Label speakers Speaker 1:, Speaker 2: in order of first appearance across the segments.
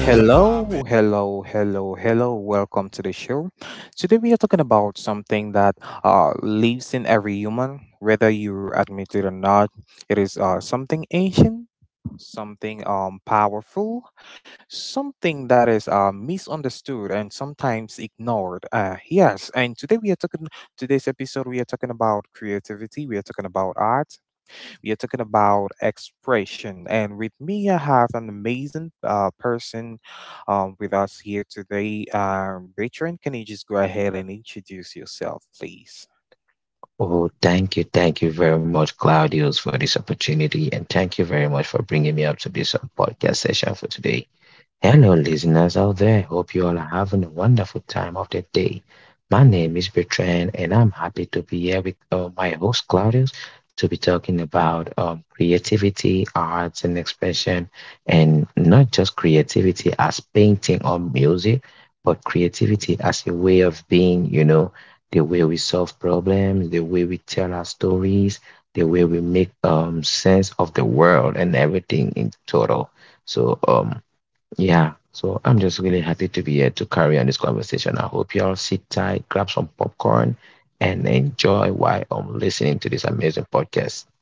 Speaker 1: Hello, hello, hello, hello. Welcome to the show. Today we are talking about something that lives in every human, whether you admit it or not. It is something ancient, something powerful, something that is misunderstood and sometimes ignored. Yes, and today's episode, we are talking about creativity, we are talking about art, we are talking about expression, and with me, I have an amazing person with us here today. Rachel, can you just go ahead and introduce yourself, please?
Speaker 2: Oh, thank you. Thank you very much, Claudius, for this opportunity. And thank you very much for bringing me up to this podcast session for today. Hello, listeners out there. Hope you all are having a wonderful time of the day. My name is Bertrand, and I'm happy to be here with my host Claudius to be talking about creativity, arts, and expression, and not just creativity as painting or music, but creativity as a way of being, you know, the way we solve problems, the way we tell our stories, the way we make sense of the world and everything in total. So, yeah. So I'm just really happy to be here to carry on this conversation. I hope you all sit tight, grab some popcorn, and enjoy while I'm listening to this amazing podcast.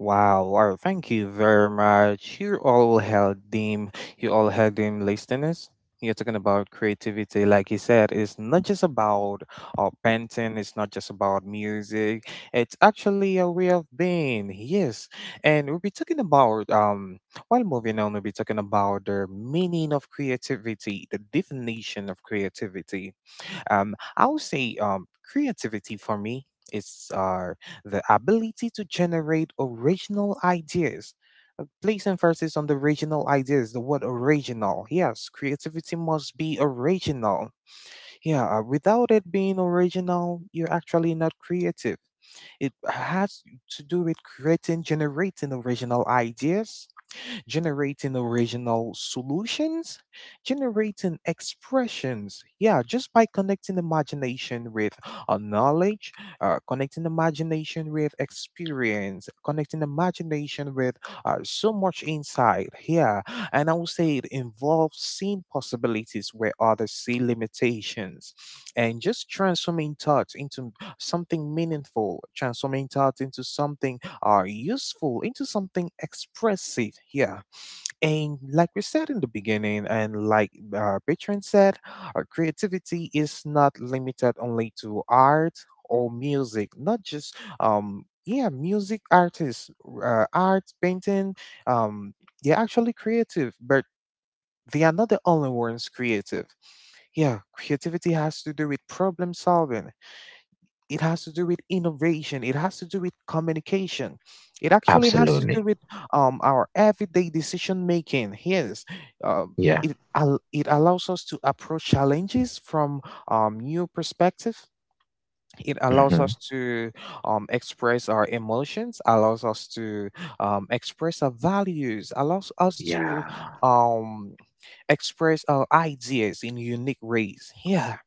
Speaker 1: Wow, wow, thank you very much. You all had them listeners. You're talking about creativity, like you said, it's not just about painting, it's not just about music, it's actually a way of being, yes. And we'll be talking about, while moving on, we'll be talking about the meaning of creativity, the definition of creativity. I would say creativity for me is the ability to generate original ideas. Place emphasis on the original ideas, the word original. Yes, creativity must be original. Yeah, without it being original, you're actually not creative. It has to do with creating, generating original ideas, generating original solutions, generating expressions. Yeah, just by connecting imagination with knowledge, connecting imagination with experience, connecting imagination with so much insight. Yeah, and I would say it involves seeing possibilities where others see limitations and just transforming thoughts into something meaningful, transforming thoughts into something are useful into something expressive. Yeah. And like we said in the beginning, and like our patron said, our creativity is not limited only to art or music, not just, yeah, music artists, art, painting, um, they're actually creative, but they are not the only ones creative. Yeah, creativity has to do with problem solving. It has to do with innovation. It has to do with communication. It actually has to do
Speaker 2: Absolutely.
Speaker 1: with our everyday decision making. Yes, um,
Speaker 2: Yeah.
Speaker 1: it al- it allows us to approach challenges from new perspective. It allows us
Speaker 2: Mm-hmm.
Speaker 1: to express our emotions, allows us to express our values, allows us to
Speaker 2: Yeah.
Speaker 1: um, express our ideas in unique ways. Yeah.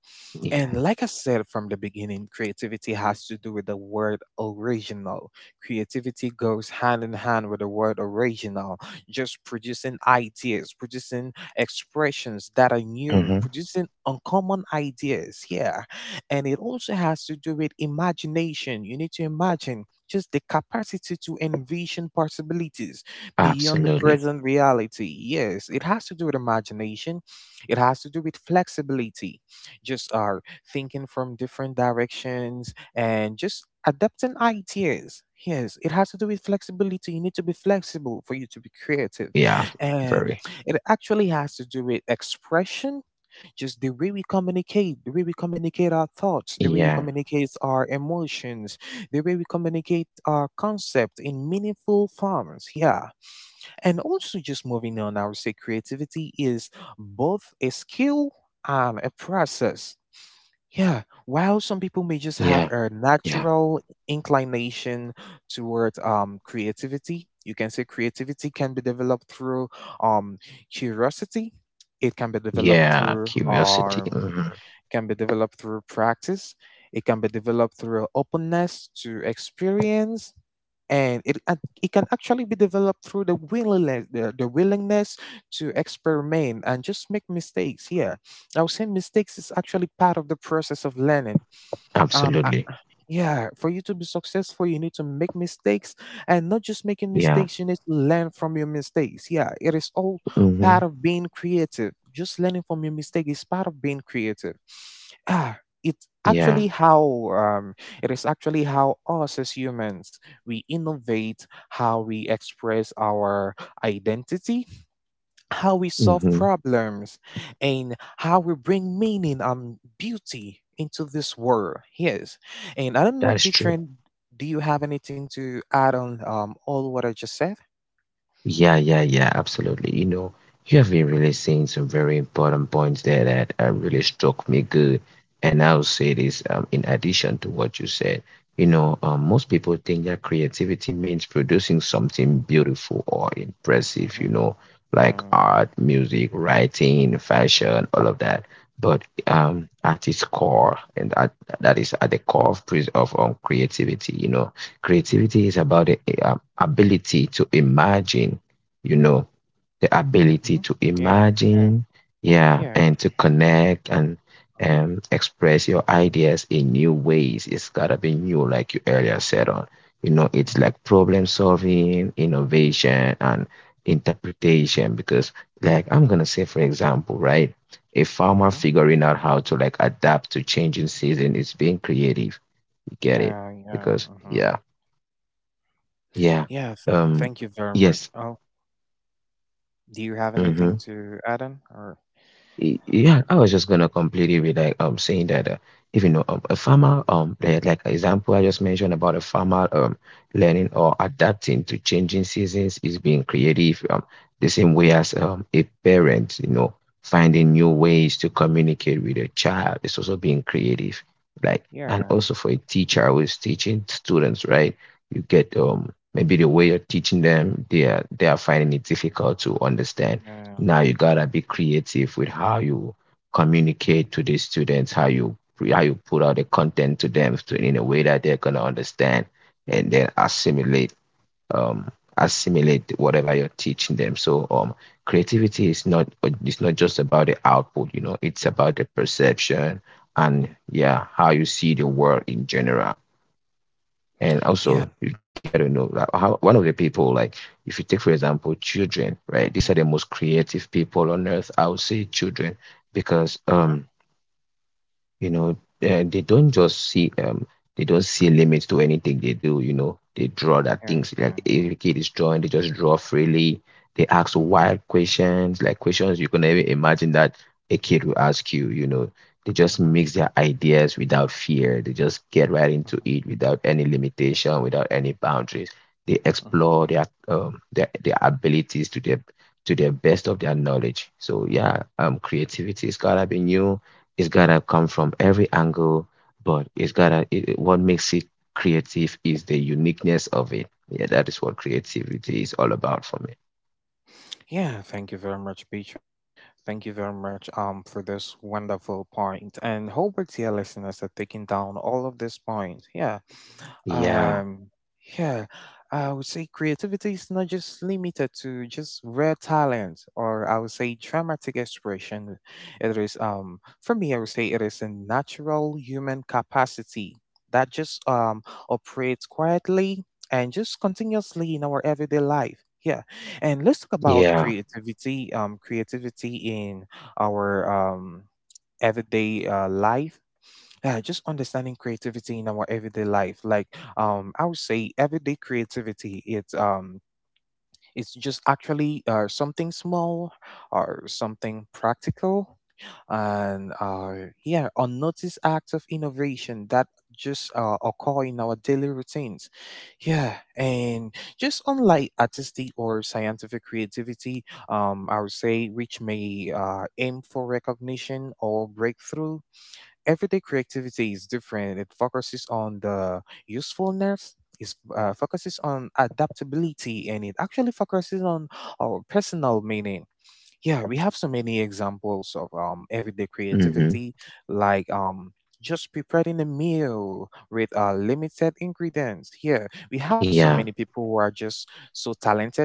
Speaker 2: Yeah.
Speaker 1: And like I said from the beginning, creativity has to do with the word original. Creativity goes hand in hand with the word original, just producing ideas, producing expressions that are new,
Speaker 2: Mm-hmm.
Speaker 1: producing uncommon ideas. Yeah. And it also has to do with imagination. You need to imagine just the capacity to envision possibilities beyond the
Speaker 2: Absolutely.
Speaker 1: present reality. Yes, it has to do with imagination, it has to do with flexibility, just thinking from different directions and just adapting ideas. Yes, it has to do with flexibility. You need to be flexible for you to be creative.
Speaker 2: Yeah.
Speaker 1: And
Speaker 2: Very.
Speaker 1: it actually has to do with expression, just the way we communicate, the way we communicate our thoughts, the way we
Speaker 2: Yeah.
Speaker 1: communicate our emotions, the way we communicate our concept in meaningful forms. Yeah. And also, just moving on, I would say creativity is both a skill and a process. Yeah, while some people may just have
Speaker 2: Yeah.
Speaker 1: a
Speaker 2: Yeah.
Speaker 1: natural inclination toward creativity, you can say creativity can be developed through um, curiosity. It can be developed
Speaker 2: Yeah.
Speaker 1: through
Speaker 2: Curiosity. Mm-hmm.
Speaker 1: can be developed through practice. It can be developed through openness to experience, and it can actually be developed through the willingness, the willingness to experiment and just make mistakes. Yeah, I would say mistakes is actually part of the process of learning. um I-
Speaker 2: Absolutely.
Speaker 1: yeah, for you to be successful you need to make mistakes, and not just making
Speaker 2: Yeah.
Speaker 1: mistakes, you need to learn from your mistakes. Yeah, it is all part
Speaker 2: Mm-hmm.
Speaker 1: of being creative, just learning from your mistake is part of being creative. It's
Speaker 2: Yeah.
Speaker 1: actually how it is actually how us as humans, we innovate, how we express our identity, how we solve
Speaker 2: Mm-hmm.
Speaker 1: problems, and how we bring meaning and beauty into this world. Yes. And I don't know,
Speaker 2: That's true.
Speaker 1: Bitrin, do you have anything to add on all what I just said?
Speaker 2: Yeah, yeah, yeah, absolutely. You know, you have been really saying some very important points there that really struck me good. And I'll say this in addition to what you said. You know, most people think that creativity means producing something beautiful or impressive, you know, like
Speaker 1: Hmm.
Speaker 2: art, music, writing, fashion, all of that. But at its core, that is at the core of, creativity, you know, creativity is about the ability to imagine, you know, the ability
Speaker 1: Mhm.
Speaker 2: to
Speaker 1: Yeah, yeah,
Speaker 2: imagine, yeah,
Speaker 1: yeah.
Speaker 2: and to connect and
Speaker 1: Uh-huh.
Speaker 2: express your ideas in new ways. It's gotta be new, like you earlier said on. You know, it's
Speaker 1: Uh-huh.
Speaker 2: like problem solving,
Speaker 1: Uh-huh.
Speaker 2: innovation, and interpretation. Because, like, I'm gonna say, for example, right, a farmer
Speaker 1: Uh-huh.
Speaker 2: figuring out how to like adapt to changing season is being creative. You get it?
Speaker 1: Yeah, yeah.
Speaker 2: Because
Speaker 1: Uh-huh.
Speaker 2: yeah, yeah.
Speaker 1: Yes,
Speaker 2: Um,
Speaker 1: thank you very much.
Speaker 2: yes.
Speaker 1: Oh, do you have anything
Speaker 2: Mhm.
Speaker 1: to add on or
Speaker 2: Yeah, I was just gonna complete it with like saying that if you know a farmer like example I just mentioned about a farmer learning or adapting to changing seasons is being creative, the same way as a parent, you know, finding new ways to communicate with a child is also being creative, like, and
Speaker 1: yeah,
Speaker 2: also for a teacher who is teaching students, right? You get maybe the way you're teaching them, they are finding it difficult to understand.
Speaker 1: yeah.
Speaker 2: Now you gotta
Speaker 1: Uh-huh.
Speaker 2: be creative with how you communicate to the students, how you put out the content to them, in a way that they're gonna understand and then assimilate assimilate whatever you're teaching them. So creativity is not, it's not just about the output, you know, it's about the perception and yeah, how you see the world in general. And
Speaker 1: Yeah.
Speaker 2: also, you got to know like, how one of the people, like, if you take for example children, right? These are
Speaker 1: Uh-huh.
Speaker 2: the most creative people on earth. I would say children because
Speaker 1: Uh-huh.
Speaker 2: you know they don't just see they don't see limits to anything they do, you know, they draw that
Speaker 1: Yeah,
Speaker 2: things, like
Speaker 1: yeah,
Speaker 2: if
Speaker 1: yeah.
Speaker 2: a kid is drawing they just draw freely, they ask
Speaker 1: Uh-huh.
Speaker 2: wild questions, like questions you can
Speaker 1: Uh-huh.
Speaker 2: even imagine that a kid will ask you, you know, they just
Speaker 1: Uh-huh.
Speaker 2: mix their ideas without fear, they just get right into
Speaker 1: Uh-huh.
Speaker 2: it without any limitation, without any boundaries, they
Speaker 1: Uh-huh.
Speaker 2: explore their their abilities to their to the best of their knowledge. So yeah, creativity is gotta be new, it's gotta come from every angle, but what makes it creative is the uniqueness of it. Yeah, that is what creativity is all about for me.
Speaker 1: Yeah, thank you very much, Peter. Thank you very much for this wonderful point, and hope it's your listeners are taking down all of these points. Yeah.
Speaker 2: Yeah,
Speaker 1: Um, yeah, I would say creativity is not just limited to just rare talent, or I would say dramatic expression. It is, for me, I would say it is a natural human capacity that just operates quietly and just continuously in our everyday life. Yeah, and let's talk about
Speaker 2: yeah,
Speaker 1: creativity. Creativity in our um everyday life. Yeah, just understanding creativity in our everyday life. Like I would say everyday creativity, it's just actually something small or something practical, and yeah, unnoticed acts of innovation that just occur in our daily routines. Yeah, and just unlike artistic or scientific creativity, I would say, which may aim for recognition or breakthrough, everyday creativity is different. It focuses on the usefulness, it focuses on adaptability, and it actually focuses on our personal meaning. Yeah, we have so many examples of everyday
Speaker 2: mm-hmm.
Speaker 1: creativity, like just preparing a meal with limited ingredients. Yeah, we have so
Speaker 2: Yeah,
Speaker 1: many people who are just so talented.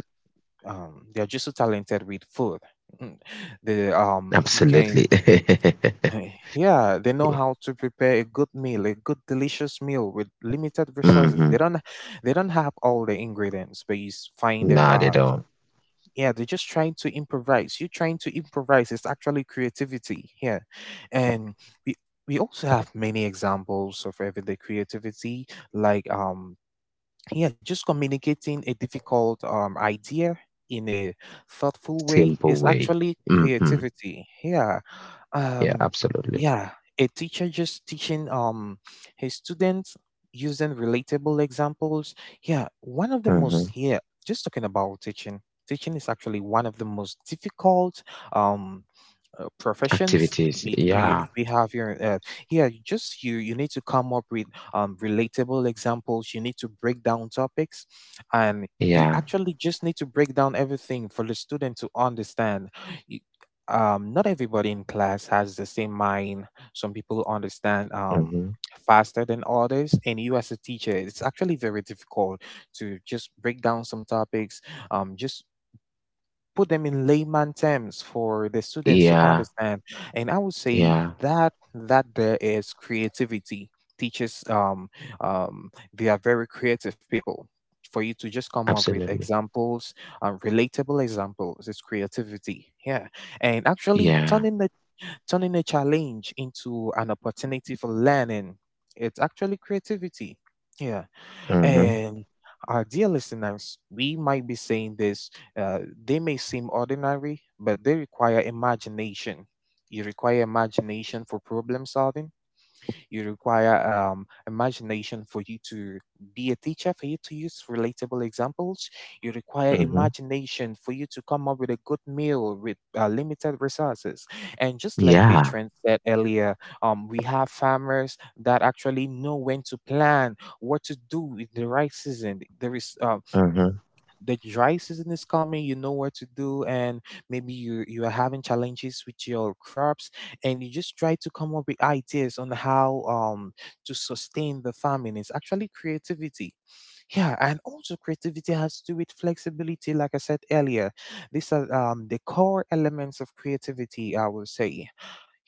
Speaker 1: They are just so talented with food. Mm, the you
Speaker 2: absolutely.
Speaker 1: can Yeah, they know
Speaker 2: Yeah.
Speaker 1: how to prepare a good meal, a good delicious meal with limited resources.
Speaker 2: Mm-hmm.
Speaker 1: They don't have all the ingredients, but find them
Speaker 2: Not at all.
Speaker 1: yeah, they're just trying to improvise. You trying to improvise is actually creativity here. And we we also have many examples of everyday creativity like yeah just communicating a difficult idea in a thoughtful way
Speaker 2: Simple
Speaker 1: is
Speaker 2: way.
Speaker 1: actually
Speaker 2: Mm-hmm.
Speaker 1: creativity. Yeah.
Speaker 2: Yeah,
Speaker 1: um
Speaker 2: absolutely.
Speaker 1: yeah a teacher just teaching his students using relatable examples. Yeah, one of the
Speaker 2: Mm-hmm.
Speaker 1: most, yeah, just talking about teaching, teaching is actually one of the most difficult um professions.
Speaker 2: Activities.
Speaker 1: we we
Speaker 2: Yeah,
Speaker 1: we have here yeah, you just you you need to come up with relatable examples, you need to break down topics, and you
Speaker 2: yeah,
Speaker 1: actually just need to break down everything for the student to understand. You- Not everybody in class has the same mind, some people understand
Speaker 2: mm-hmm.
Speaker 1: faster than others, and you as a teacher, it's actually very difficult to just break down some topics, just put them in layman terms for the students to
Speaker 2: Yeah,
Speaker 1: understand. And I would say
Speaker 2: yeah,
Speaker 1: that there is creativity. Teachers, they are very creative people. For you to just come up with
Speaker 2: absolutely.
Speaker 1: examples, relatable examples, is creativity. Yeah, and actually
Speaker 2: Yeah.
Speaker 1: turning a challenge into an opportunity for learning. It's actually creativity. Yeah.
Speaker 2: Mm-hmm.
Speaker 1: And our dear listeners, we might be saying this, they may seem ordinary, but they require imagination. You require imagination for problem solving, you require imagination for you to be a teacher, for you to use relatable examples. You require
Speaker 2: Mm-hmm.
Speaker 1: imagination for you to come up with a good meal with limited resources. And just like
Speaker 2: Yeah.
Speaker 1: Beatrice said earlier, we have farmers that actually know when to plan, what to do in the right season. There is
Speaker 2: Mm-hmm.
Speaker 1: the dry season is coming, you know what to do, and maybe you are having challenges with your crops, and you just try to come up with ideas on how to sustain the farming. It's actually creativity. Yeah, and also creativity has to do with flexibility, like I said earlier. These are the core elements of creativity, I will say.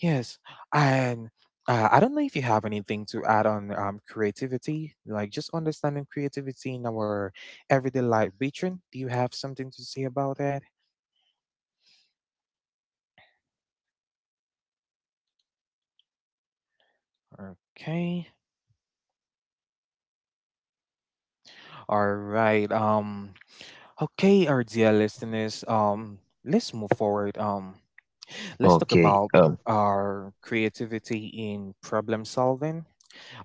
Speaker 1: Yes, and I don't know if you have anything to add on creativity, like just understanding creativity in our everyday life. Beatrice, do you have something to say about that?
Speaker 2: Jody talk, Jody talk. Yeah.
Speaker 1: Okay.
Speaker 2: Jody talk, Jody talk.
Speaker 1: All right. Okay, our
Speaker 2: Yeah.
Speaker 1: dear listeners. Let's move forward. Let's talk
Speaker 2: Okay.
Speaker 1: about our creativity in problem solving.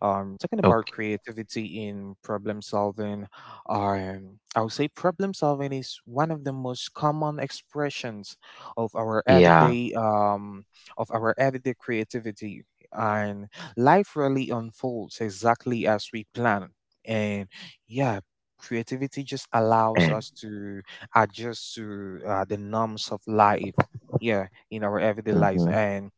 Speaker 1: Talking about
Speaker 2: Okay.
Speaker 1: creativity in problem solving, I would say problem solving is one of the most common expressions of our
Speaker 2: Yeah.
Speaker 1: everyday um, of our everyday creativity, and life really unfolds exactly as we plan. And yeah, creativity just allows
Speaker 2: And.
Speaker 1: us to adjust to the norms of life. Yeah, in our everyday lives,
Speaker 2: Mm-hmm.
Speaker 1: and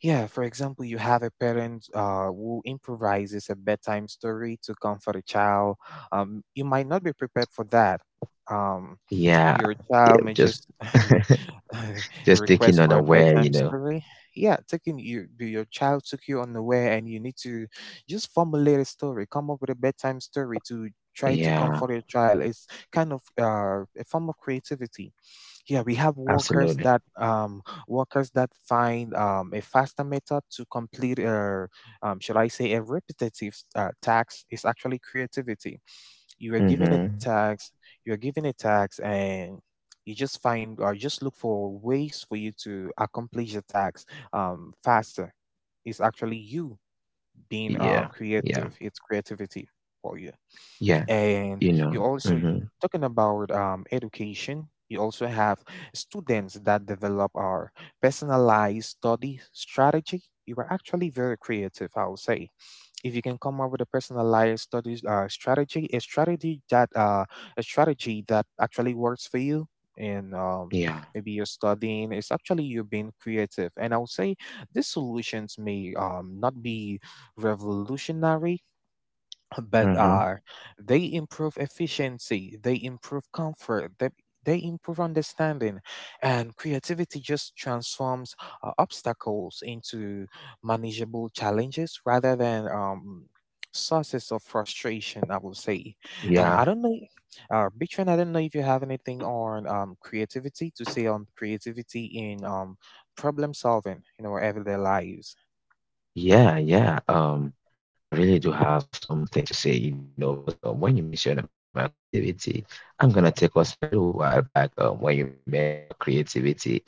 Speaker 1: yeah, for example, you have a parent who improvises a bedtime story to comfort a child. You might not be prepared for that. Um,
Speaker 2: Yeah.
Speaker 1: your child
Speaker 2: Yeah.
Speaker 1: may
Speaker 2: Just
Speaker 1: just
Speaker 2: taking
Speaker 1: request
Speaker 2: on
Speaker 1: for a
Speaker 2: aware, you
Speaker 1: bedtime
Speaker 2: know.
Speaker 1: story. Yeah, taking you, your child took you unaware, and you need to just formulate a story, come up with a bedtime story to try to
Speaker 2: Yeah.
Speaker 1: comfort your child. It's kind of a form of creativity. Yeah, we have workers
Speaker 2: Absolutely.
Speaker 1: that find a faster method to complete should I say, a repetitive task is actually creativity. You are
Speaker 2: Mm-hmm.
Speaker 1: given a task, you are given a task, and you just find or just look for ways for you to accomplish the task faster. It's actually you being
Speaker 2: Yeah. Yeah.
Speaker 1: creative. It's creativity for you.
Speaker 2: Yeah.
Speaker 1: And
Speaker 2: You know.
Speaker 1: you also
Speaker 2: Mm-hmm.
Speaker 1: talking about education, you also have students that develop our personalized study strategy. You are actually very creative, I would say. If you can come up with a personalized studies strategy, a strategy that actually works for you, and
Speaker 2: Yeah.
Speaker 1: maybe you're studying, it's actually you're being creative. And I would say these solutions may not be revolutionary but
Speaker 2: Mm-hmm.
Speaker 1: they improve efficiency, they improve comfort, they improve understanding, and creativity just transforms obstacles into manageable challenges rather than sources of frustration. I will say,
Speaker 2: Yeah.
Speaker 1: I don't know, Bitran, I don't know if you have anything on creativity to say on creativity in problem solving in our everyday lives.
Speaker 2: Yeah, yeah. I really do have something to say, you know, because when you mentioned about creativity, I'm gonna take us a little while back. When you mentioned about creativity in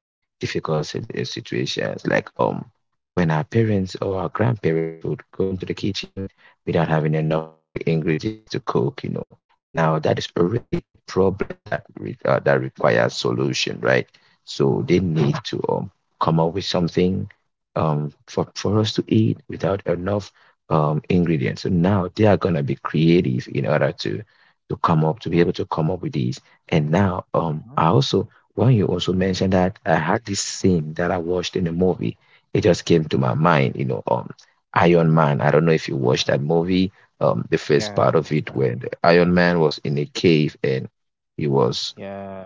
Speaker 2: difficult situations, like when our parents or our grandparents would go into the kitchen without having enough ingredients to cook, you know. Now that is already a problem that re that requires solution, right? So they need to come up with something for us to eat without enough ingredients. So now they are going to be creative in order to come up to be able to come up with these. And now
Speaker 1: Mm-hmm.
Speaker 2: I also, when you also mentioned that, I had this scene that I watched in a movie, it just came to my mind. You know, Iron Man. I don't know if you watched that movie. The first
Speaker 1: Yeah,
Speaker 2: part
Speaker 1: I
Speaker 2: of it
Speaker 1: understand.
Speaker 2: where the Iron Man was in a cave and he was
Speaker 1: Yeah.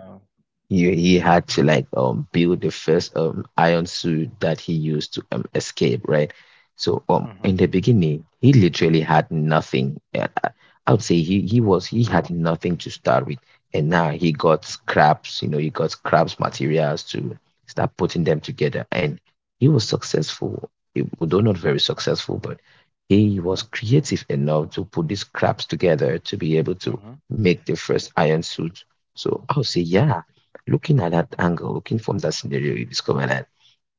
Speaker 2: he had to like build the first iron suit that he used to escape, right? So
Speaker 1: Mm-hmm.
Speaker 2: in the beginning, he literally had nothing. I would say he had nothing to start with, and now he got scraps. You know, he got scraps materials to start putting them together, and he was successful. It- Although not very successful, but he was creative enough to put these scraps together to be able to
Speaker 1: Mm-hmm.
Speaker 2: make the first iron suit. So I would say, yeah, looking at that angle, looking from that scenario, you discover that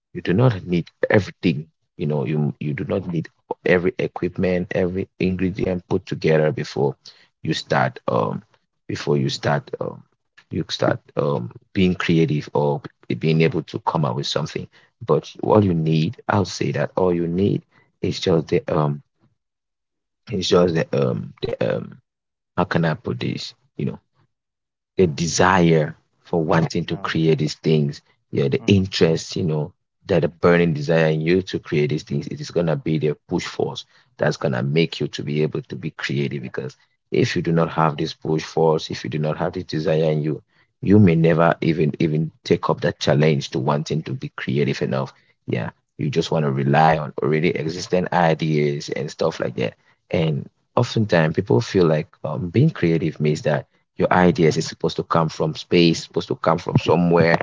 Speaker 2: you do not need everything. You know, you do not need every equipment, every ingredient put together you start um before you start being creative or being
Speaker 1: Mm-hmm.
Speaker 2: able to come up with something. But all
Speaker 1: Mm-hmm.
Speaker 2: you need, I'll say, that all you need is just the it's just the how can I put this? You know, the desire for wanting to
Speaker 1: Yeah.
Speaker 2: create these things, yeah, the
Speaker 1: Mm-hmm.
Speaker 2: interest, you know, that a burning desire in you to create these things, it is gonna be the push force that's gonna make you to be able to be creative. Because if you do not have this push force, if you do not have this desire in you, you may never even take up that challenge to wanting to be creative enough. Yeah. You just want to rely on already existing ideas and stuff like that. And oftentimes people feel like being creative means that your ideas is supposed to come from space, supposed to come from somewhere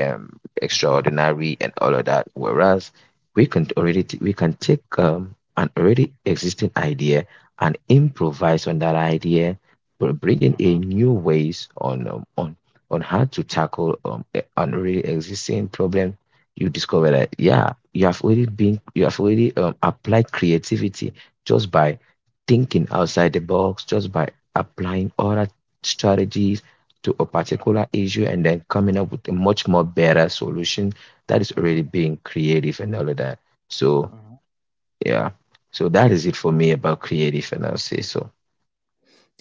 Speaker 1: Mm-hmm.
Speaker 2: extraordinary and all of that. Whereas we can take an already existing idea and improvise on that idea, but bringing a
Speaker 1: Mm-hmm.
Speaker 2: new ways on on how to tackle an already existing problem. You discover
Speaker 1: Mm-hmm.
Speaker 2: that yeah, you have already applied creativity just by thinking outside the box, just by applying other strategies to a particular issue and then coming up with a much more better solution. That is
Speaker 1: Mm-hmm.
Speaker 2: already being creative and all of that. So
Speaker 1: Mm-hmm.
Speaker 2: yeah, so that is it for me about creative, and I'll say so.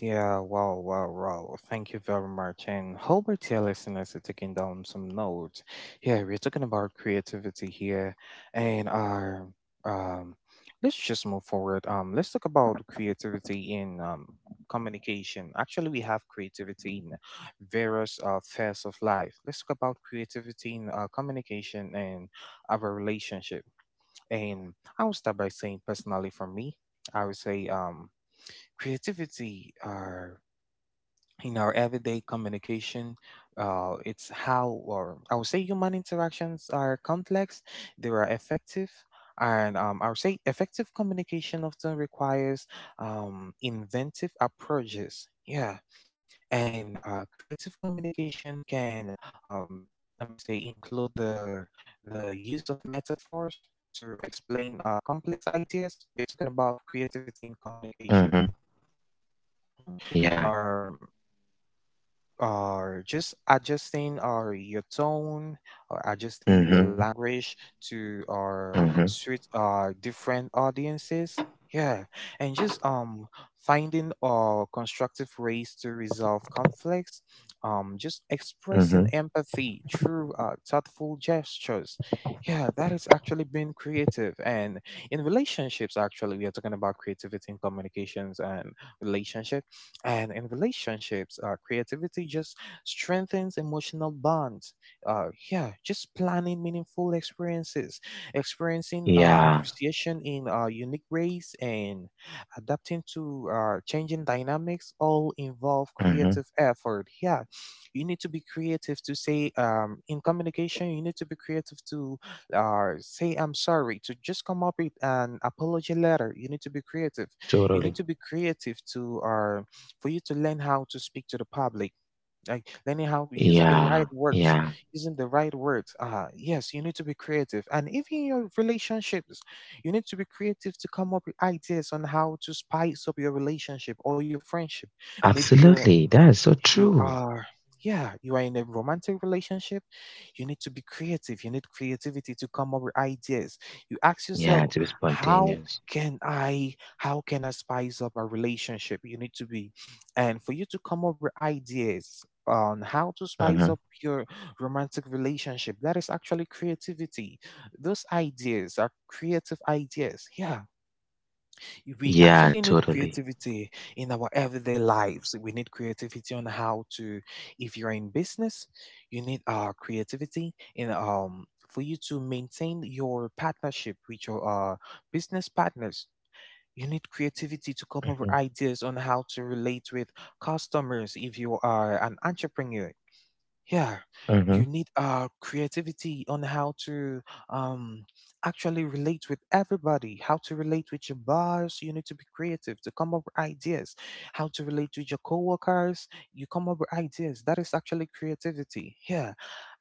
Speaker 1: Yeah, wow, wow, wow. Well, thank you very much. And hope our dear listeners are taking down some notes. Yeah, we're talking about creativity here and our um let's just move forward. Let's talk about creativity in communication. Actually we have creativity in various spheres of life. Let's talk about creativity in communication and our relationship. And I will start by saying personally for me, I would say creativity are in our everyday communication, it's how or I would say human interactions are complex, they are effective, and I would say effective communication often requires inventive approaches. Yeah, and creative communication can, um, let me say, include the use of metaphors to explain complex ideas. We are talking about creativity in communication.
Speaker 2: Mm-hmm.
Speaker 1: Mhm.
Speaker 2: Yeah.
Speaker 1: Um or just adjusting or your tone or adjusting your
Speaker 2: Mm-hmm.
Speaker 1: language to or
Speaker 2: Mm-hmm.
Speaker 1: suit different audiences. Yeah. And just finding or constructive ways to resolve conflicts, just expressing
Speaker 2: Mm-hmm.
Speaker 1: empathy through thoughtful gestures. Yeah, that is actually being creative. And in relationships, actually we are talking about creativity in communications and relationships, and in relationships creativity just strengthens emotional bonds, yeah, just planning meaningful experiences, experiencing
Speaker 2: Yeah.
Speaker 1: appreciation in unique ways, and adapting to changing dynamics all involve
Speaker 2: Mm-hmm.
Speaker 1: creative effort. Yeah, you need to be creative to say, in communication you need to be creative to say I'm sorry, to just come up with an apology letter. You need to be creative, you need
Speaker 2: Totally.
Speaker 1: to be creative to for you to learn how to speak to the public, like learning how using the right
Speaker 2: Yeah.
Speaker 1: words,
Speaker 2: Yeah.
Speaker 1: using the right words. Ah, yes, you need to be creative, and even your relationships, you need to be creative to come up with ideas on how to spice up your relationship or your friendship. Maybe your
Speaker 2: Absolutely. That is so
Speaker 1: you
Speaker 2: true.
Speaker 1: are yeah, you are in a romantic relationship, you need to be creative, you need creativity to come up with ideas. You ask
Speaker 2: Yeah.
Speaker 1: yourself,
Speaker 2: To be
Speaker 1: how
Speaker 2: spontaneous.
Speaker 1: can I, how can I spice up my relationship? You need to be, and for you to come up with ideas on how to spice
Speaker 2: Mm-hmm.
Speaker 1: up your romantic relationship, that is actually creativity. Those ideas are creative ideas. Yeah, we
Speaker 2: Yeah.
Speaker 1: actually need
Speaker 2: Totally.
Speaker 1: creativity in our everyday lives. We need creativity on how to, if you're in business, you need creativity in for you to maintain your partnership with your uh, business partners. You need creativity to come up with
Speaker 2: Mm-hmm.
Speaker 1: ideas on how to relate with customers if you are an entrepreneur. Yeah, you
Speaker 2: Mm-hmm.
Speaker 1: need creativity on how to um actually relate with everybody, how to relate with your boss. You need to be creative to come up with ideas how to relate with your coworkers, you come up with ideas, that is actually creativity. Yeah,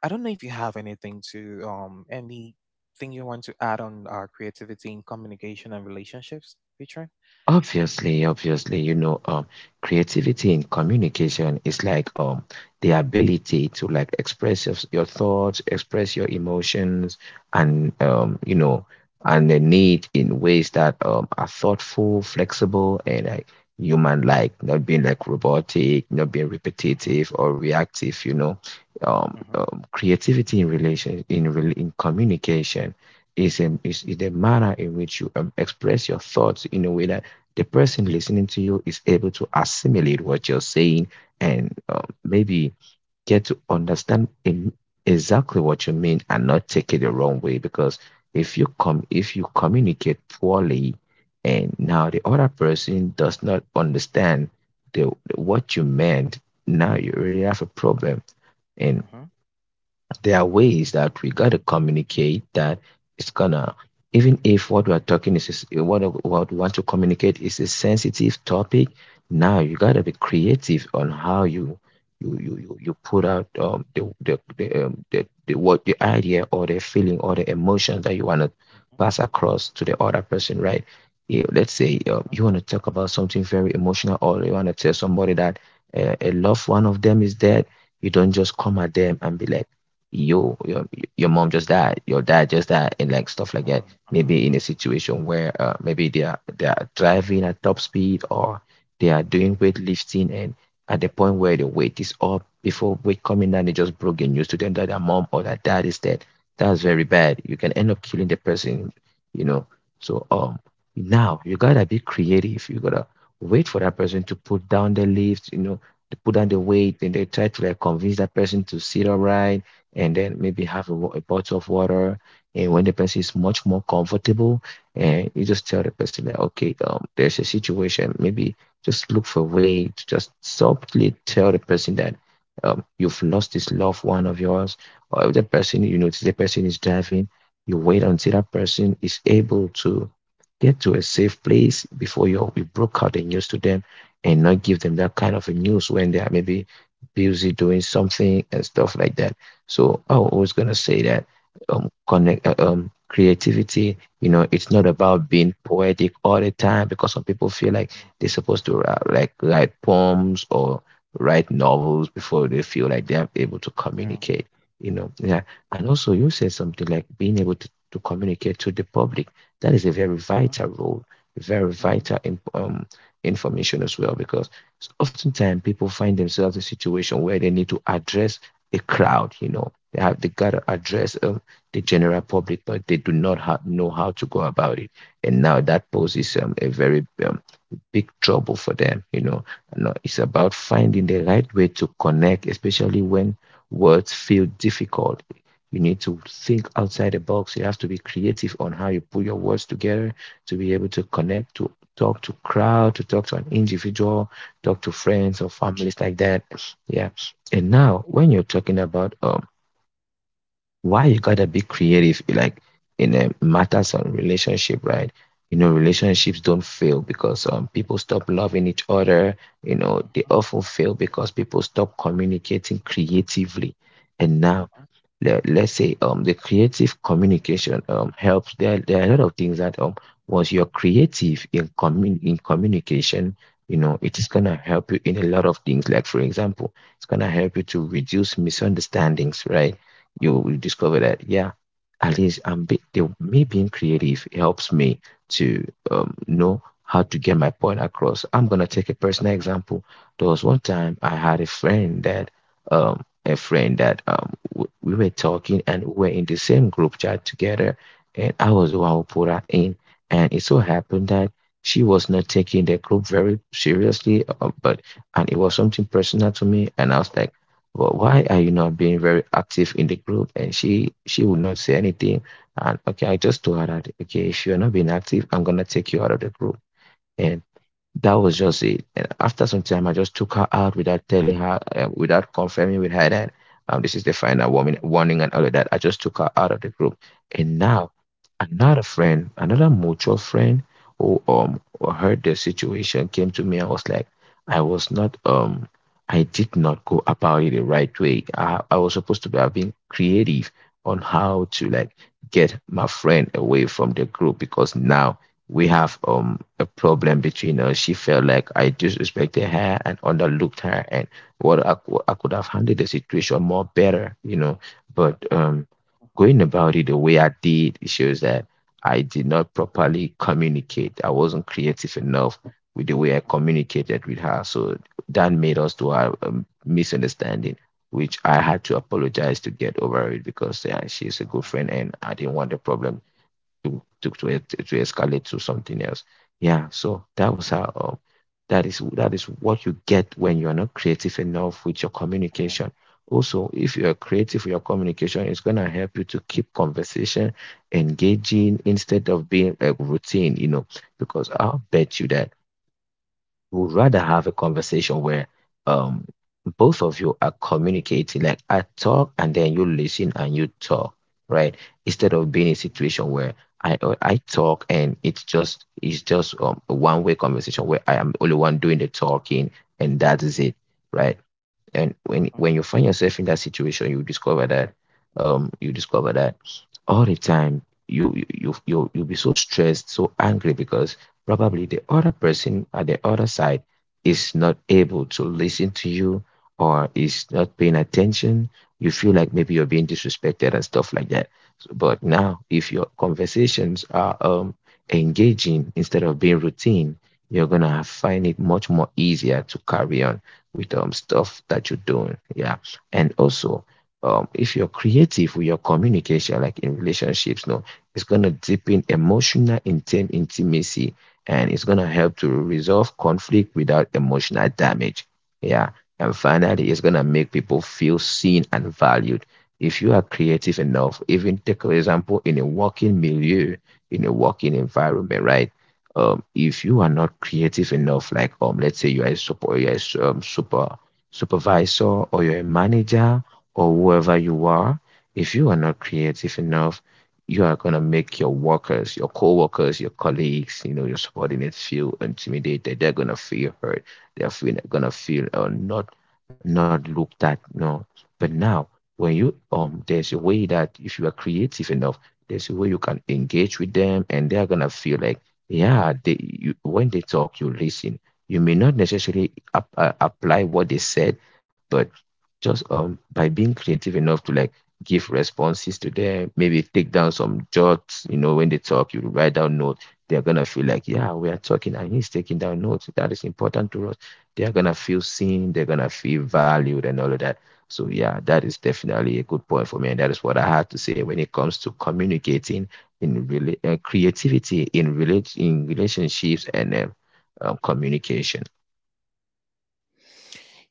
Speaker 1: I don't know if you have anything to anything you want to add on creativity in communication and relationships, Peter.
Speaker 2: Obviously, obviously, you know, creativity in communication is like the ability to like express your thoughts, express your emotions, and you know, and the need in ways that are thoughtful, flexible, and like human-like, not being like robotic, not being
Speaker 1: Mm-hmm.
Speaker 2: repetitive or reactive, you know.
Speaker 1: Mm-hmm.
Speaker 2: Creativity in communication is the manner in which you express your thoughts in a way that the person listening to you is able to assimilate what you're saying and maybe get to understand exactly what you mean and not take it the wrong way, because if you communicate poorly and now the other person does not understand the what you meant, now you really have a problem. And
Speaker 1: Mm-hmm.
Speaker 2: there are ways that we got to communicate that it's gonna, even if what we want to communicate is a sensitive topic, now you got to be creative on how you you put out the what, the idea or the feeling or the emotion that you want to pass across to the other person, right? Let's say you want to talk about something very emotional, or you want to tell somebody that a loved one of them is dead. You don't just come at them and be like, yo, your mom just died, your dad just died, and like stuff like that. Maybe
Speaker 1: Mm-hmm.
Speaker 2: in a situation where maybe they are driving at top speed, or they are doing weightlifting, and at the point where the weight is up, before weight coming down, they just broke the news to them that their mom or their dad is dead. That's very bad, you can end up killing the person, you know. So now you gotta be creative, you gotta wait for that person to put down the lift, you know, to put
Speaker 1: Yeah.
Speaker 2: down the weight, and they try to like convince that person to sit upright and then maybe have a bottle of water. And when the person is much more comfortable, and you just tell the person that, okay, there's a situation. Maybe just look for a way to just softly tell the person that you've lost this loved one of yours. Or if that person, you notice the person is driving, you wait until that person is able to get to a safe place before you broke out the news to them, and not
Speaker 1: Mm-hmm. Mm-hmm.
Speaker 2: give
Speaker 1: Mm-hmm.
Speaker 2: them
Speaker 1: Mm-hmm.
Speaker 2: that kind of a news when they are maybe busy doing something and stuff like that. So I
Speaker 1: Mm-hmm.
Speaker 2: was gonna say that connect creativity. You know, it's not about being poetic all the time, because some people feel like they're supposed to write, like write poems or write novels before they feel like they are able to
Speaker 1: Yeah.
Speaker 2: communicate. Yeah. And also, you said something like being able to communicate to the public. That is a very
Speaker 1: Mm-hmm.
Speaker 2: vital role, very vital imp information as well, because oftentimes
Speaker 1: Mm-hmm.
Speaker 2: people find themselves in a situation where they need to address the crowd, you know. They gotta address the general public, but they do not know how to go about it. And now that poses a very big trouble for them. You know, no, it's
Speaker 1: Mm-hmm. Mm-hmm. Mm-hmm.
Speaker 2: about finding the right way to connect, especially when words feel difficult. You need to think outside the box. You have to be creative on how you put your words together to be able to connect, to talk to crowd, to talk to an individual, talk to friends or families like that. Yeah. And now, when you're talking about why you gotta be creative, like in matters on relationship, right? You know, relationships don't fail because people stop loving each other. You know, they often fail because people stop communicating creatively. And now,
Speaker 1: Mm-hmm. Mm-hmm.
Speaker 2: let's say the creative communication helps. There are a lot of things that once you're creative in communication, you know, it is going to help you in a lot of things. Like, for example, it's going to help you to reduce misunderstandings, right? You will discover that, yeah, at least me being creative helps me to know how to get my point across. I'm going to take a personal
Speaker 1: Mm-hmm.
Speaker 2: example. There was one time I had um a friend that we were talking and we were in the same group chat together, and I was the one who put her in. And it so happened that she was not taking the group very seriously, but and it was something personal to me, and I was like, well, why are you not being very active in the group? And she would not say anything. And okay, I just told her that, okay, if you're not being active, I'm gonna take you out of the group. And that was just it. And after some time, I just took her out without telling her, without confirming with her that this is the final warning, warning and all of that. I just took her out of the group. And now, another friend, another mutual friend who heard the situation came to me and was like, I was not I did not go about it the right way. I was supposed to be have been creative on how to like get my friend away from the group, because now we have a problem between us. She felt like I disrespected her and underlooked her, and I could have handled the situation more better, you know. But going about it the way I did it shows that I did not properly communicate. I wasn't creative enough with the way I communicated with her, so that made us to have a misunderstanding. Which I had to apologize to get over it, because yeah, she's a good friend and I didn't want the problem to escalate to something else. Yeah, so that was how that is what you get when you are not creative enough with your communication. Also, if you are creative with your communication, it's gonna help you to keep conversation engaging instead of being a routine, you know, because I'll bet you that would rather have a conversation where um both of you are communicating, like I talk and then you listen and you talk, right? Instead of being in a situation where I talk and it's just a one way conversation where I am the only one doing the talking, and that is it, right? And when
Speaker 1: Mm-hmm. Mm-hmm.
Speaker 2: when you
Speaker 1: Mm-hmm.
Speaker 2: find yourself in that situation, you discover that um you discover that all the time you'll be so stressed, so angry, because probably the other person at the other side is not able to listen to you or is not paying attention. You feel like maybe you're being disrespected and stuff like that. But
Speaker 1: Uh-huh,
Speaker 2: now, if your conversations are engaging instead of being routine, you're gonna find it much more easier to carry on with stuff that you're doing. Yeah, and also if you're creative with your communication, like in relationships, no, it's gonna deepen emotional intimacy, and it's going to help to resolve conflict without emotional damage. Yeah. And finally,
Speaker 1: uh-huh.
Speaker 2: it's going to make people feel seen and valued. If you are creative enough, even take an example in a working milieu, in a working environment, right? If you are
Speaker 1: Uh-huh.
Speaker 2: not creative enough, like let's say you are a super, you are a supervisor or you're a manager or whoever you are, if you are not creative enough, you are going to make your workers, your co-workers, your colleagues, you know, your subordinates feel intimidated. They're going to feel hurt. They're going to feel not not looked at. No, but now, when you there's a way that if you are creative enough, there's a way you can engage with them, and they're going to feel like, yeah, when they talk, you listen. You may not necessarily apply what they said, but just by being creative enough to like give responses to them, maybe take down some jots. You know, when they talk, you write down notes. They're going to feel like, yeah, we are talking and he's taking down notes. That is important to us. They're going to feel seen. They're going to feel valued and all of that. So, yeah, that is definitely a good point for me. And that is what I have to say when it comes to communicating in really creativity in relate in relationships and communication.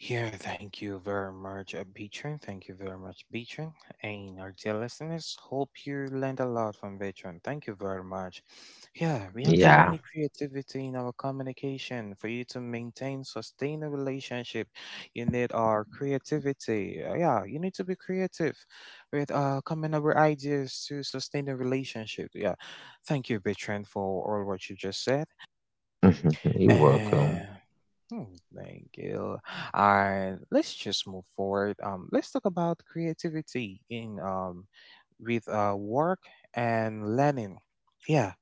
Speaker 1: Yeah, thank you very much, Beatrice. Thank you very much, Beatrice. And our dear listeners, hope you learned a lot from Beatrice. Thank you very much. Yeah, we actually
Speaker 2: Yeah.
Speaker 1: need creativity in our communication. For you to maintain sustain a relationship, you need our creativity. Yeah, you need to be creative with coming up with ideas to sustain a relationship. Yeah, thank you, Beatrice, for all what you just said.
Speaker 2: Mhm. You're
Speaker 1: And
Speaker 2: welcome.
Speaker 1: hmm, thank you. And let's just move forward. Let's talk about creativity in with work and learning. Yeah,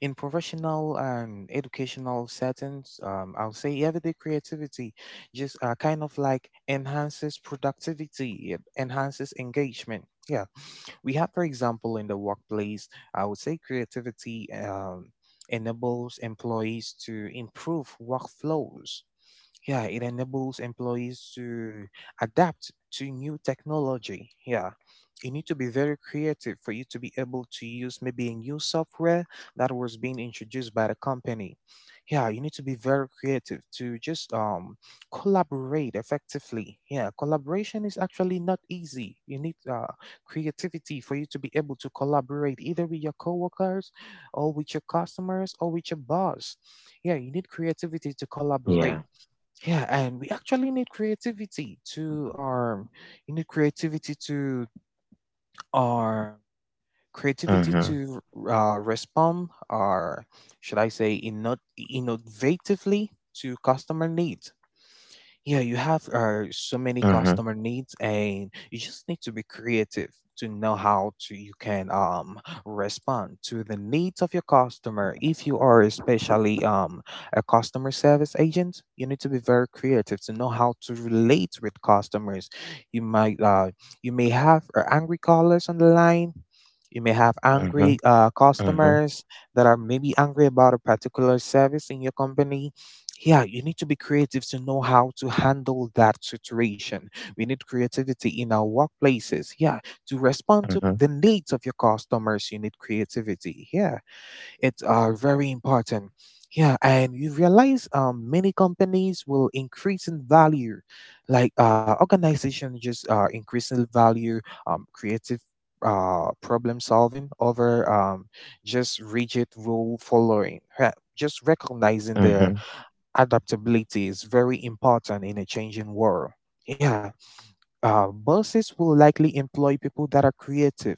Speaker 1: in professional and educational settings, I'll say everyday creativity just kind of like enhances productivity, it enhances engagement. Yeah, we have, for example, in the workplace, I would say creativity enables employees to improve workflows, yeah, it enables employees to adapt to new technology. Yeah. You need to be very creative for you to be able to use maybe a new software that was being introduced by the company. Yeah, you need to be very creative to just collaborate effectively. Yeah, collaboration is actually not easy. You need creativity for you to be able to collaborate either with your coworkers or with your customers or with your boss. Yeah, you need creativity to collaborate.
Speaker 2: Yeah.
Speaker 1: Yeah, and we actually need creativity to you need creativity to our creativity
Speaker 2: Mm-hmm.
Speaker 1: to respond or should I say innovatively to customer needs. Yeah, you have so many
Speaker 2: Mm-hmm.
Speaker 1: customer needs, and you just need to be creative to know how to you can respond to the needs of your customer. If you are especially a customer service agent, you need to be very creative to know how to relate with customers. You might you may have angry callers on the line, you may have angry
Speaker 2: Mm-hmm.
Speaker 1: customers that are maybe angry about a particular service in your company. Yeah, you need to be creative to know how to handle that situation. We need creativity in our workplaces. Yeah, to respond to
Speaker 2: Mm-hmm.
Speaker 1: the needs of your customers, you need creativity. Yeah, it's very important. Yeah, and you realize many companies will increase in value, like organization just increase in value, creative problem solving over just rigid rule following. Yeah, just recognizing the
Speaker 2: Mm-hmm.
Speaker 1: adaptability is very important in a changing world. Yeah, bosses will likely employ people that are creative.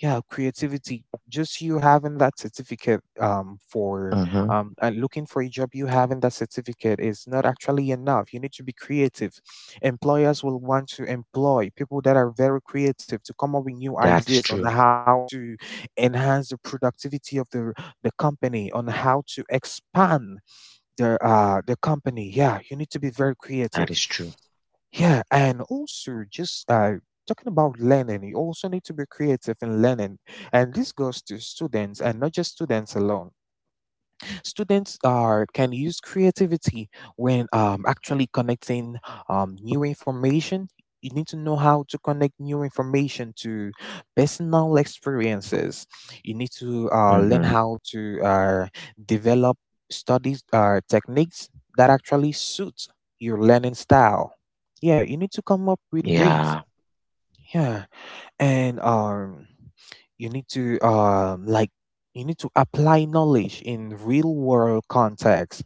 Speaker 1: Yeah, creativity. Just you having that certificate for
Speaker 2: Mm-hmm.
Speaker 1: and looking for a job, you having that certificate is not actually enough. You need to be creative. Employers will want to employ people that are very creative to come up with new
Speaker 2: That is
Speaker 1: ideas on
Speaker 2: true.
Speaker 1: how to enhance the productivity of the company, on how to expand their company. Yeah, you need to be very
Speaker 2: That is
Speaker 1: creative.
Speaker 2: true.
Speaker 1: Yeah, and also just talking about learning, you also need to be creative in learning, and this goes to students and not just students alone. Students are can use creativity when actually connecting new information. You need to know how to connect new information to personal experiences. You need to learn
Speaker 2: Mm-hmm.
Speaker 1: how to develop studies techniques that actually suit your learning style. Yeah, you need to come up with ways.
Speaker 2: Yeah.
Speaker 1: Yeah, and you need to like you need to apply knowledge in real world context.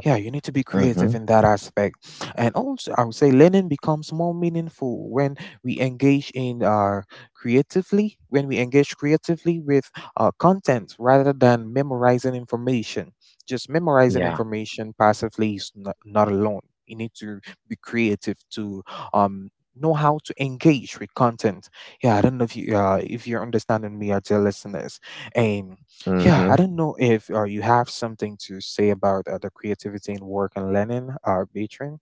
Speaker 1: Yeah, you need to be creative
Speaker 2: Mm-hmm.
Speaker 1: in that aspect. And also I would say learning becomes more meaningful when we engage in creatively when we engage creatively with content rather than memorizing information. Just memorizing
Speaker 2: Yeah.
Speaker 1: information passively is not, not alone, you need to be creative to um know how to engage with content. Yeah, I don't know if you if you're understanding me or dear listeners. And yeah, I
Speaker 2: Mm-hmm.
Speaker 1: don't know if you have something to say about the creativity in work and learning, Beatrice.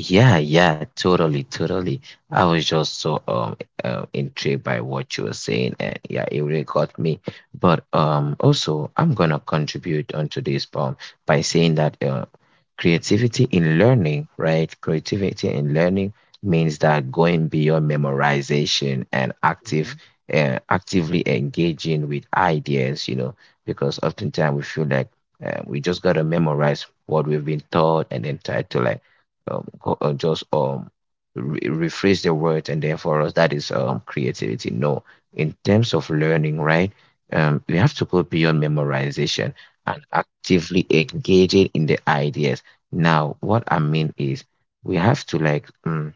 Speaker 2: Yeah, yeah, totally, totally. I was just so intrigued by what you were saying, and yeah, it really got me. But also, I'm gonna contribute onto this poem by saying that creativity in learning, right? Creativity in learning means that going beyond memorization and
Speaker 1: Mm-hmm.
Speaker 2: active, actively engaging with ideas, you know, because oftentimes we feel like we just gotta memorize what we've been taught and then try to like um, go- uh, just um rephrase the word and then for us that is creativity, no, in terms of learning, right? We have to go beyond memorization and actively engaging in the ideas. Now what I mean is, we have to like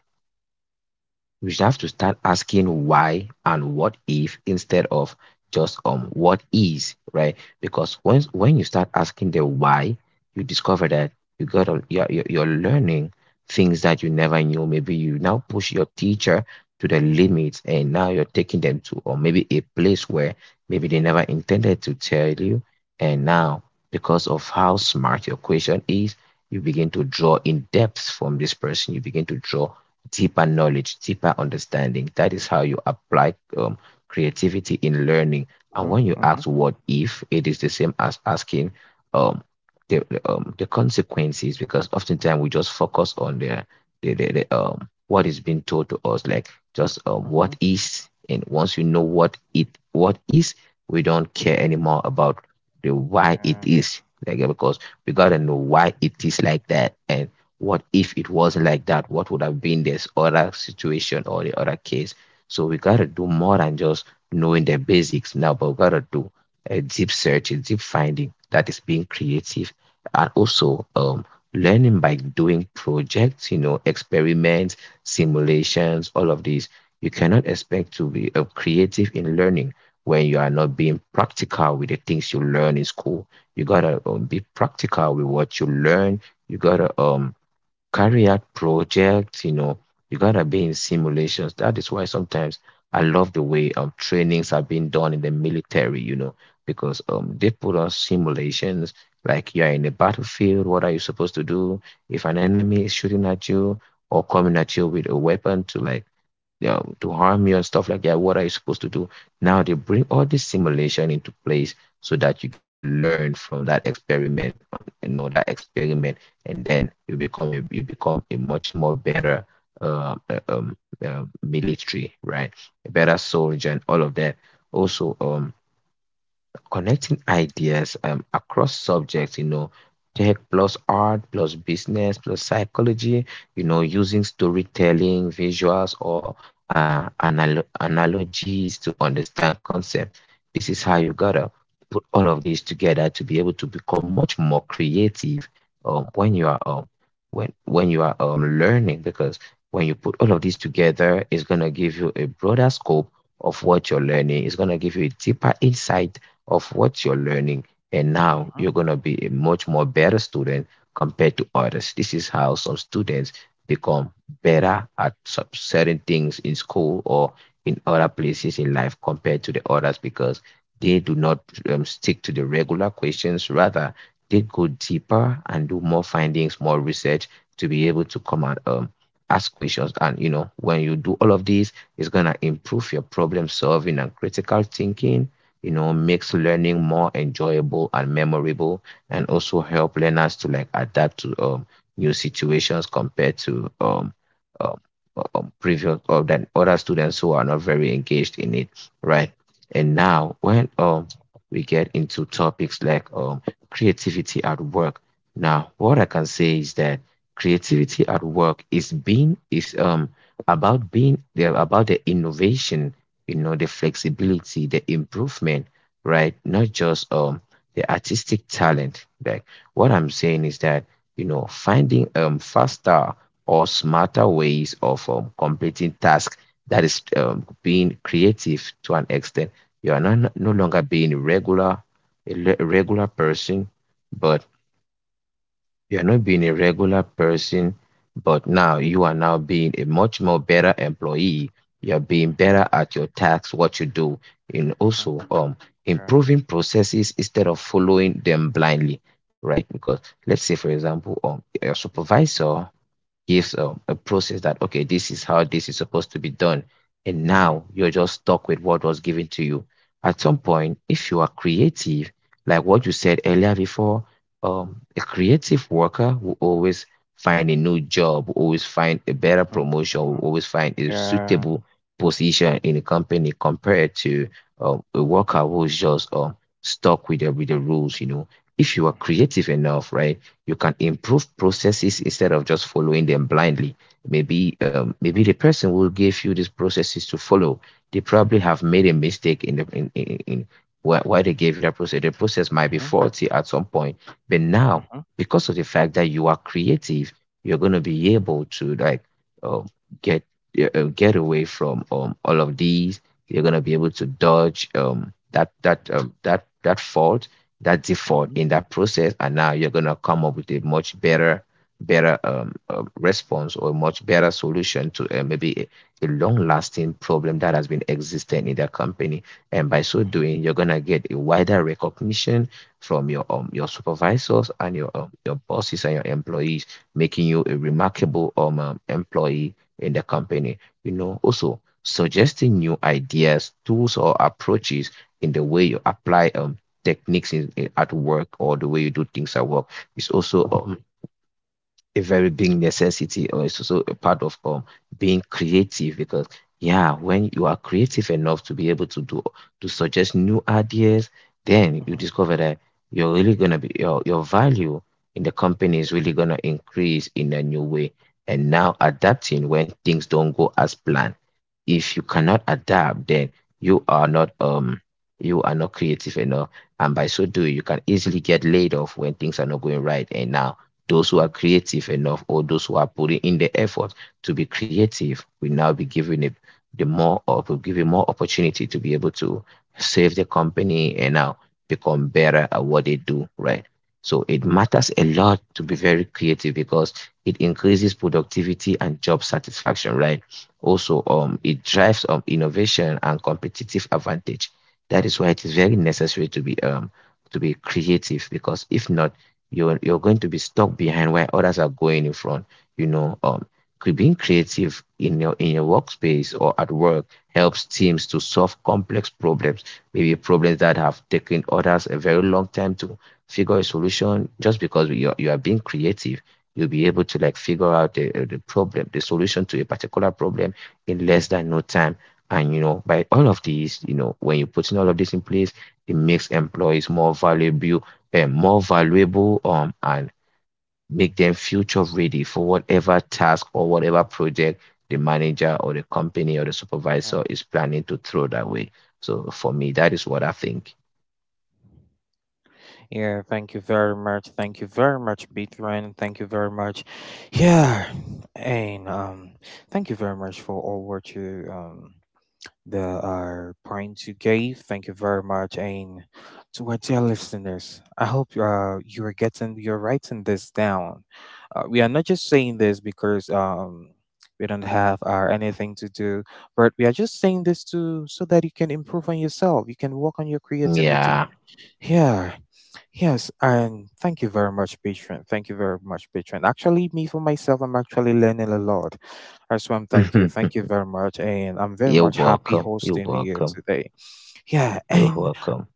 Speaker 2: we should have to start asking why and what if instead of just what is, right? Because once
Speaker 1: Mm-hmm.
Speaker 2: when you start asking the why, you discover that you got a, you're learning things that you never knew. Maybe you now push your teacher to the limits and now you're taking them to or maybe a place where maybe they never intended to tell you, and now because of how smart your question is, you begin to draw in depth from this person. You begin to draw deeper knowledge, deeper understanding. That is how you apply creativity in learning. And
Speaker 1: Mm-hmm.
Speaker 2: when you
Speaker 1: Mm-hmm.
Speaker 2: ask what if, it is the same as asking um, the consequences, because oftentimes we just focus on the what is being told to us, like just what
Speaker 1: Mm-hmm.
Speaker 2: is, and once you know what is, we don't care anymore about the why it
Speaker 1: Yeah.
Speaker 2: is, like. Because we gotta know why it is like that, and what if it was like that? What would have been this other situation or the other case? So we gotta do more than just knowing the basics now, but we gotta do a deep search, a deep finding. That is being creative. And also, learning by doing projects, you know, experiments, simulations, all of these. You cannot expect to be creative in learning when you are not being practical with the things you learn in school. You gotta be practical with what you learn. You gotta carry
Speaker 1: Mm-hmm.
Speaker 2: out projects, you know, you gotta be in simulations. That is why sometimes I love the way trainings are being done in the military, you know, because they put on simulations like you're in a battlefield. What are you supposed to do if an enemy is shooting at you or coming at you with a weapon to like, yeah, to harm you and stuff like that? What are you supposed to do? Now they bring all this simulation into place so that you get to learn from that experiment on, you know, that experiment, and then you become a much more better uh, uh, um military, right? A better soldier and all of that. Also, connecting ideas across subjects, you know, tech plus art plus business plus psychology, you know, using storytelling, visuals, or analogies to understand concept. This is how you gotta put all of these together to be able to become much more creative um, when you are um, when you are learning, because when you put all of these together, it's gonna give you a broader scope of what you're learning. It's gonna give you a deeper insight of what you're learning. And now
Speaker 1: Mm-hmm.
Speaker 2: you're going to be a much more better student compared to others. This is how some students become better at certain things in school or in other places in life compared to the others, because they do not stick to the regular questions. Rather, they go deeper and do more findings, more research to be able to come and ask questions. And you know, when you do all of this, it's gonna improve your problem solving and critical thinking, you know, makes learning more enjoyable and memorable, and also help learners to like adapt to new situations compared to um, previous or than other students who are not very engaged in it, right? And now when we get into topics like creativity at work, now what I can say is that creativity at work is about being, yeah, about the innovation, you know, the flexibility, the improvement, right? Not just the artistic talent. Like what I'm saying is that, you know, finding faster or smarter ways of completing tasks, that is being creative to an extent. You are not, no longer being regular, a le- regular person, but you are not being a regular person, but now you are now being a much more better employee. You're being
Speaker 1: Mm-hmm.
Speaker 2: better at your tasks, what you do, and
Speaker 1: Mm-hmm.
Speaker 2: also
Speaker 1: Yeah.
Speaker 2: improving processes instead of following them blindly, right? Because let's say, for example, your supervisor gives a process that, okay, this is how this is supposed to be done, and
Speaker 1: Mm-hmm.
Speaker 2: now
Speaker 1: Mm-hmm.
Speaker 2: you're just stuck with what was given to you. At some point, if you are creative, like what you said earlier before, a creative worker will always find a new job, will always find a better promotion, will
Speaker 1: Mm-hmm.
Speaker 2: always find a
Speaker 1: Yeah.
Speaker 2: suitable position in a company compared to a worker who's just stuck with with the rules, you know. If you are
Speaker 1: Mm-hmm.
Speaker 2: creative enough, right, you can improve processes instead of just following them blindly. Maybe maybe
Speaker 1: Mm-hmm.
Speaker 2: the person who gave you these processes to follow, they probably have made a mistake in in why, they gave you that process. The process might be faulty at some point, but now
Speaker 1: Mm-hmm.
Speaker 2: because of the fact that you are creative, you're going to be able to like um, get get away from all of these. You're going to be able to dodge that fault, that default
Speaker 1: Mm-hmm.
Speaker 2: in that process, and now you're going to come up with a much better response or a much better solution to maybe a long lasting problem that has been existing in that company. And by so
Speaker 1: Mm-hmm.
Speaker 2: doing, you're going to get a wider recognition from your supervisors and your bosses and your employees, making you a
Speaker 1: Uh-huh,
Speaker 2: remarkable employee in the company. You know, also suggesting new ideas, tools or approaches in the way you apply techniques at work, or the way you do things at work, is also a very big necessity, or it's also a part of being creative, because yeah, when you are creative enough to be able to suggest new ideas, then you
Speaker 1: uh-huh,
Speaker 2: discover that you're really going to be your value in the company is really going to increase in a new way. And now, adapting when things don't go as planned. If you cannot adapt, then you are not um you are not creative enough, and by so doing you can easily get laid off when things are not going right. And now those who
Speaker 1: uh-huh.
Speaker 2: are creative enough or those who are putting in the effort to be creative will now be given it, the more of will given more opportunity to be able to save the company, and now become better at what they do, right? So it matters a lot to be very creative because it increases productivity and job satisfaction, right? Also, it drives innovation and competitive advantage. That is why it is very necessary to be creative, because if not, you're going to be stuck behind while others are going in front. You know, being creative in your workspace or at work helps teams to solve complex problems, maybe problems that have taken others a very long time to figure a solution. Just because you are being creative, you'll be able to like figure out the solution to a particular problem in less than no time. And you know, by all of these, you know, when you put in all of this in place, it makes employees more valuable, and make them future ready for whatever task or whatever project the
Speaker 1: Uh-huh.
Speaker 2: manager or the company or the
Speaker 1: uh,
Speaker 2: supervisor is planning to throw that way. So for me, that is what I think.
Speaker 1: Yeah, thank you very much. Thank you very much, Bitran. Thank you very much. Yeah, and thank you very much for all what you that are points you gave. Thank you very much. And to our dear listeners, I hope you are getting, you're writing this down. We are not just saying this because we don't have anything to do, but we are just saying this to so that you can improve on yourself. You can work on your creativity.
Speaker 2: Yeah.
Speaker 1: Yeah, yes, and thank you very much, patron. Thank you very much, patron. Actually, me for myself, I'm actually learning a lot. As well,
Speaker 2: you
Speaker 1: thank you very much, and I'm very
Speaker 2: You're
Speaker 1: much happy
Speaker 2: welcome. You're
Speaker 1: hosting you
Speaker 2: welcome.
Speaker 1: today. Yeah,
Speaker 2: You're
Speaker 1: and
Speaker 2: welcome.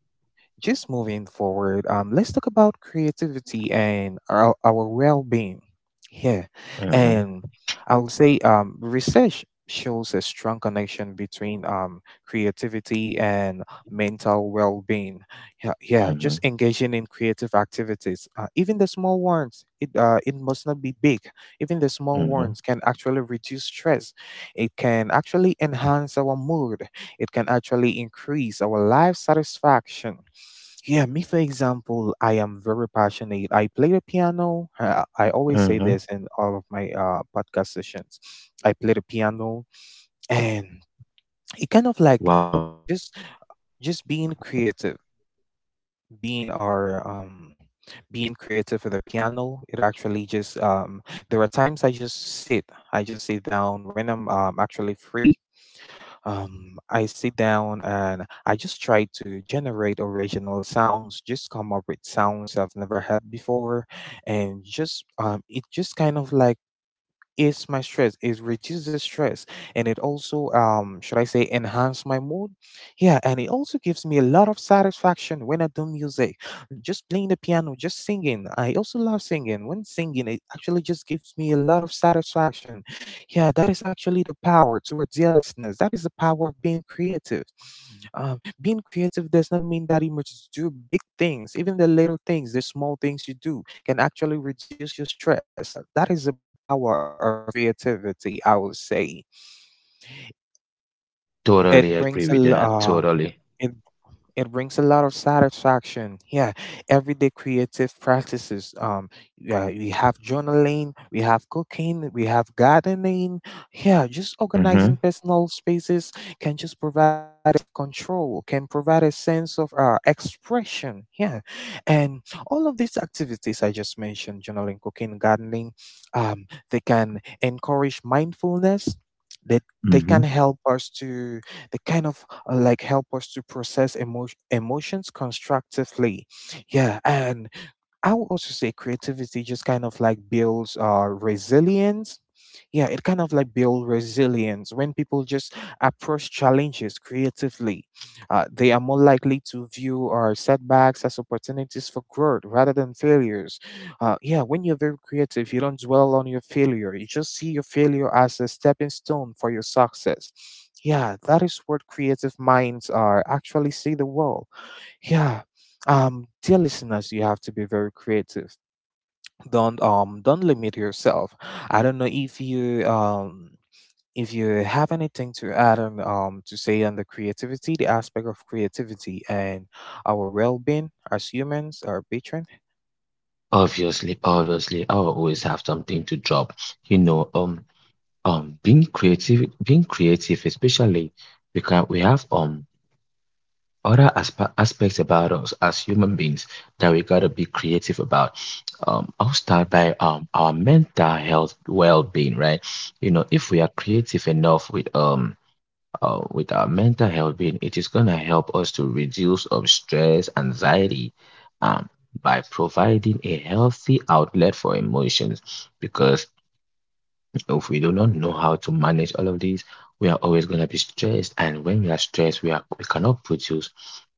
Speaker 1: just moving forward, let's talk about creativity and our well being here.
Speaker 2: Hmm.
Speaker 1: And I would say research shows a strong connection between creativity and mental well being. Yeah, yeah,
Speaker 2: Hmm.
Speaker 1: just engaging in creative activities, even the small ones, it must not be big. Even the small
Speaker 2: Hmm.
Speaker 1: ones can actually reduce stress, it can actually enhance our mood, it can actually increase our life satisfaction. Yeah, me for example, I am very passionate. I play the piano. I always say
Speaker 2: Hmm.
Speaker 1: this in all of my podcast sessions. I play the piano, and it kind of like helped
Speaker 2: Wow.
Speaker 1: me just being creative, being our being creative for the piano. It actually just there are times sit, I just sit down when I'm actually free. I sit down and I just try to generate original sounds, just come up with sounds I've never had before, and just it just kind of like is my stress, it reduces the stress, and it also should I say enhance my mood. Yeah, and it also gives me a lot of satisfaction when I do music, just playing the piano, just singing. I also love singing. When singing, it actually just gives me a lot of satisfaction. Yeah, that is actually the power towards listeners, that is the power of being creative. Being creative does not mean that you must do big things. Even the little things, the small things you do can actually reduce your stress. Yeah, that is the power of creativity, I would say. It
Speaker 2: Totally
Speaker 1: brings
Speaker 2: agree
Speaker 1: a
Speaker 2: with that.
Speaker 1: lot,
Speaker 2: Totally.
Speaker 1: it brings a lot of satisfaction. Yeah, everyday creative practices. Yeah, we have journaling, we have cooking, we have gardening. Yeah, just
Speaker 2: Hmm.
Speaker 1: organizing personal spaces can just provide a sense of control, can provide a sense of expression. Yeah, and all of these activities I just mentioned, journaling, cooking, gardening, um, they can encourage mindfulness. They they
Speaker 2: Hmm.
Speaker 1: can help us to the kind of like help us to process emotions constructively. Yeah, and I would also say creativity just kind of like builds resilience. Yeah, it kind of like builds resilience when people just approach challenges creatively. They are more likely to view our setbacks as opportunities for growth rather than failures. Yeah, when you're very creative, you don't dwell on your failure. You just see your failure as a stepping stone for your success. Yeah, that is what creative minds are actually see the world. Yeah. Dear listeners, you have to be very creative. Don't limit yourself. I don't know if you have anything to add on to say on the creativity, the aspect of creativity and our well being as humans, our patron.
Speaker 2: Obviously, I will always have something to drop. You know, being creative, especially. We have other aspects about us as human beings that we gotta be creative about. I'll start by our mental health well-being, right? You know, if we are creative enough with our mental health being, it is gonna help us to reduce stress, anxiety, um by providing a healthy outlet for emotions. Because if we do not know how to manage all of these, we are always going to be stressed. And when we are stressed, we cannot produce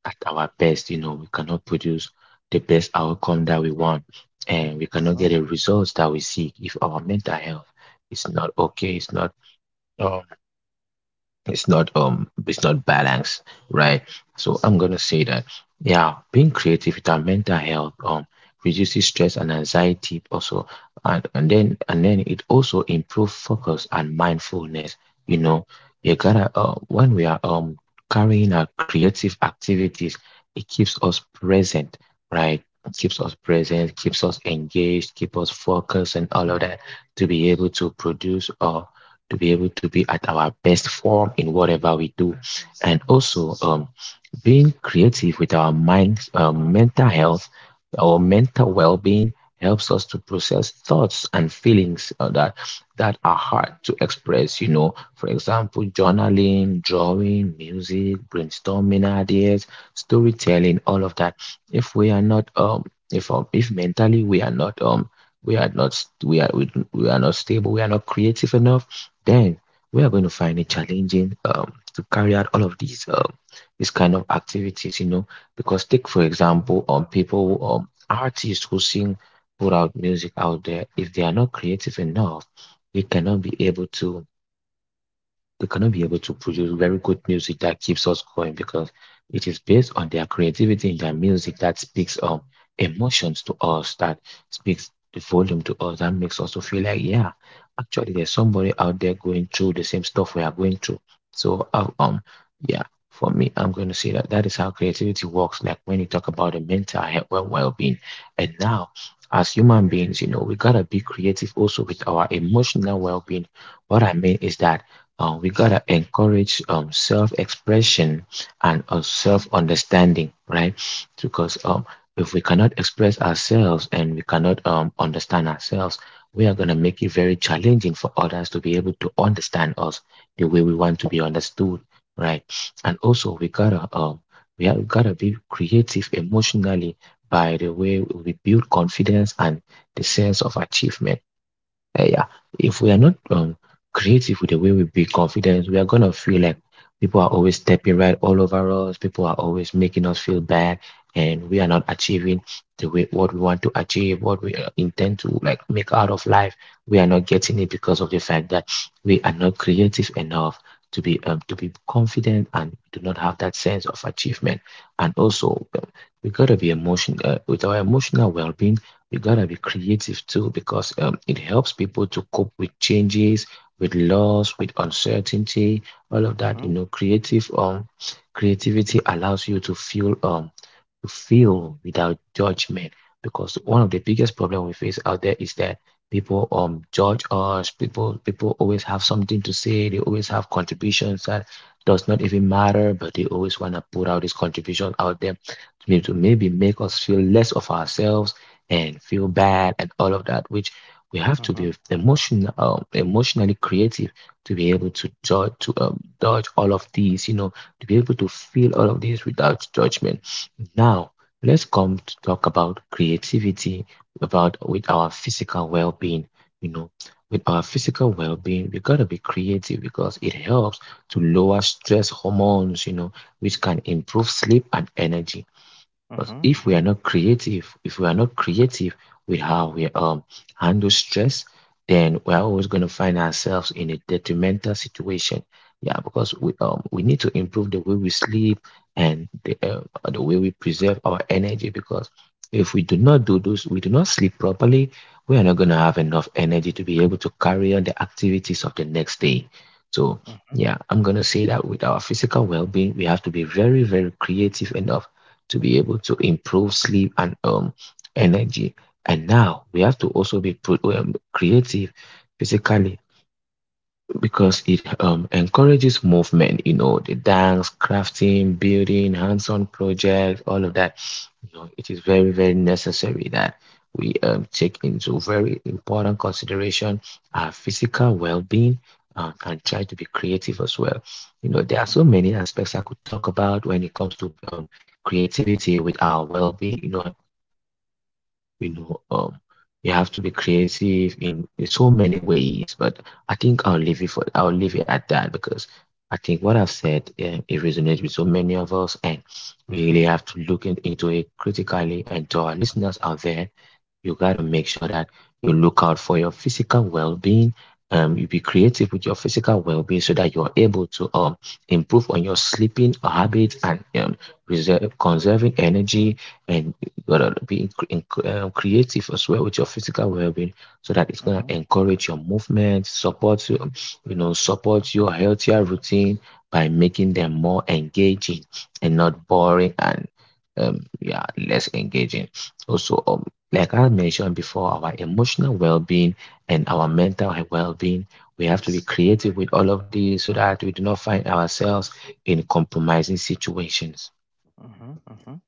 Speaker 2: at our best. You know, we cannot produce the best outcome that we want, and we cannot get
Speaker 1: Uh
Speaker 2: the results that we seek if our mental health is not okay. It's not um it's not balanced, right? So I'm gonna say that, yeah, being creative with our mental health reduces stress and anxiety. Also, and then it also improves focus and mindfulness. You know, you gotta when we are carrying out creative activities, it keeps us present, right? It keeps us present, keeps us engaged, keeps us focused and all of that, to be able to produce to be able to be at our best form in whatever we do. And also, being creative with our minds, mental health, our mental well-being helps us to process thoughts and feelings that are hard to express. You know, for example, journaling, drawing, music, brainstorming ideas, storytelling, all of that. If we are not if mentally we are not we are not stable, we are not creative enough, then we are going to find it challenging to carry out all of these. Um, these kind of activities, you know, because take for example, people, artists who sing, put out music out there, if they are not creative enough, they cannot be able to they're going to be able to produce very good music that keeps us going, because it is based on their creativity in their music that speaks emotions to us, that speaks the volume to us, that makes us to feel like, yeah, actually there's somebody out there going through the same stuff we are going through. So yeah, for me, I'm going to say that is how creativity works, like when you talk about the mental health well-being. And now, as human beings, you know, we got to be creative also with our emotional well-being. What I mean is that we gotta encourage self-expression and self-understanding, right? Because if we cannot express ourselves and we cannot understand ourselves, we are gonna make it very challenging for others to be able to understand us the way we want to be understood, right? And also, we have gotta be creative emotionally by the way we build confidence and the sense of achievement. Yeah, if we are not creative with the way we build confidence, we are gonna feel like people are always stepping right all over us. People are always making us feel bad, and we are not achieving the way what we want to achieve, what we intend to like make out of life. We are not getting it because of the fact that we are not creative enough to be confident and do not have that sense of achievement. And also, we gotta be emotional with our emotional well-being, you gotta be creative too, because it helps people to cope with changes, with loss, with uncertainty, all of
Speaker 1: Uh
Speaker 2: that.
Speaker 1: Uh
Speaker 2: You know, creative creativity allows you to feel without judgment, because one of the biggest problem we face out there is that people judge us people always have something to say, they always have contributions that does not even matter, but they always want to put out this contribution out there to maybe, make us feel less of ourselves and feel bad and all of that, which we have to
Speaker 1: Uh
Speaker 2: be emotionally creative to be able to judge to dodge all of these, you know, to be able to feel all of these without judgment. Now, let's come to talk about creativity, about with our physical well-being. You know, with our physical well-being, we gotta be creative because it helps to lower stress hormones, you know, which can improve sleep and energy.
Speaker 1: Uh huh. huh.
Speaker 2: Because
Speaker 1: huh. huh. huh.
Speaker 2: if we are not creative with how we handle stress, then we're always going to find ourselves in a detrimental situation. Yeah, because we need to improve the way we sleep and the way we preserve our energy. Because if we do not do those, we do not sleep properly, we are not going to have enough energy to be able to carry on the activities of the next day. So
Speaker 1: Uh huh.
Speaker 2: yeah, I'm going to say that with our physical well-being, we have to be very, very creative enough to be able to improve sleep and energy. And now we have to also creative physically, because it encourages movement, you know, the dance, crafting, building, hands on projects, all of that. You know, it is very, very necessary that we take into very important consideration our physical well being, and try to be creative as well. You know, there are
Speaker 1: Uh
Speaker 2: so
Speaker 1: huh.
Speaker 2: many aspects I could talk about when it comes to creativity with our well being. You know, you know um you have to be creative in so
Speaker 1: Uh
Speaker 2: many
Speaker 1: huh.
Speaker 2: ways, but I think I'll leave it for I'll leave it at that, because I think what I've said, it resonates with so many of us, and
Speaker 1: Uh
Speaker 2: we really
Speaker 1: huh.
Speaker 2: have to look into it critically. And to our listeners out there, you got to make sure that you look out for your physical well-being. You be creative with your physical well-being so that you're able to improve on your sleeping habit and reserve, conserving energy. And you gotta be creative as well with your physical well-being, so that it's gonna
Speaker 1: Uh
Speaker 2: encourage your movement, support you you know, support your healthier routine by making them more engaging and not boring, and yeah, less engaging. Also, like I mentioned before, our emotional well being and our mental well being, we have to be creative with all of these so that we do not find ourselves in compromising situations.
Speaker 1: huh. Uh huh.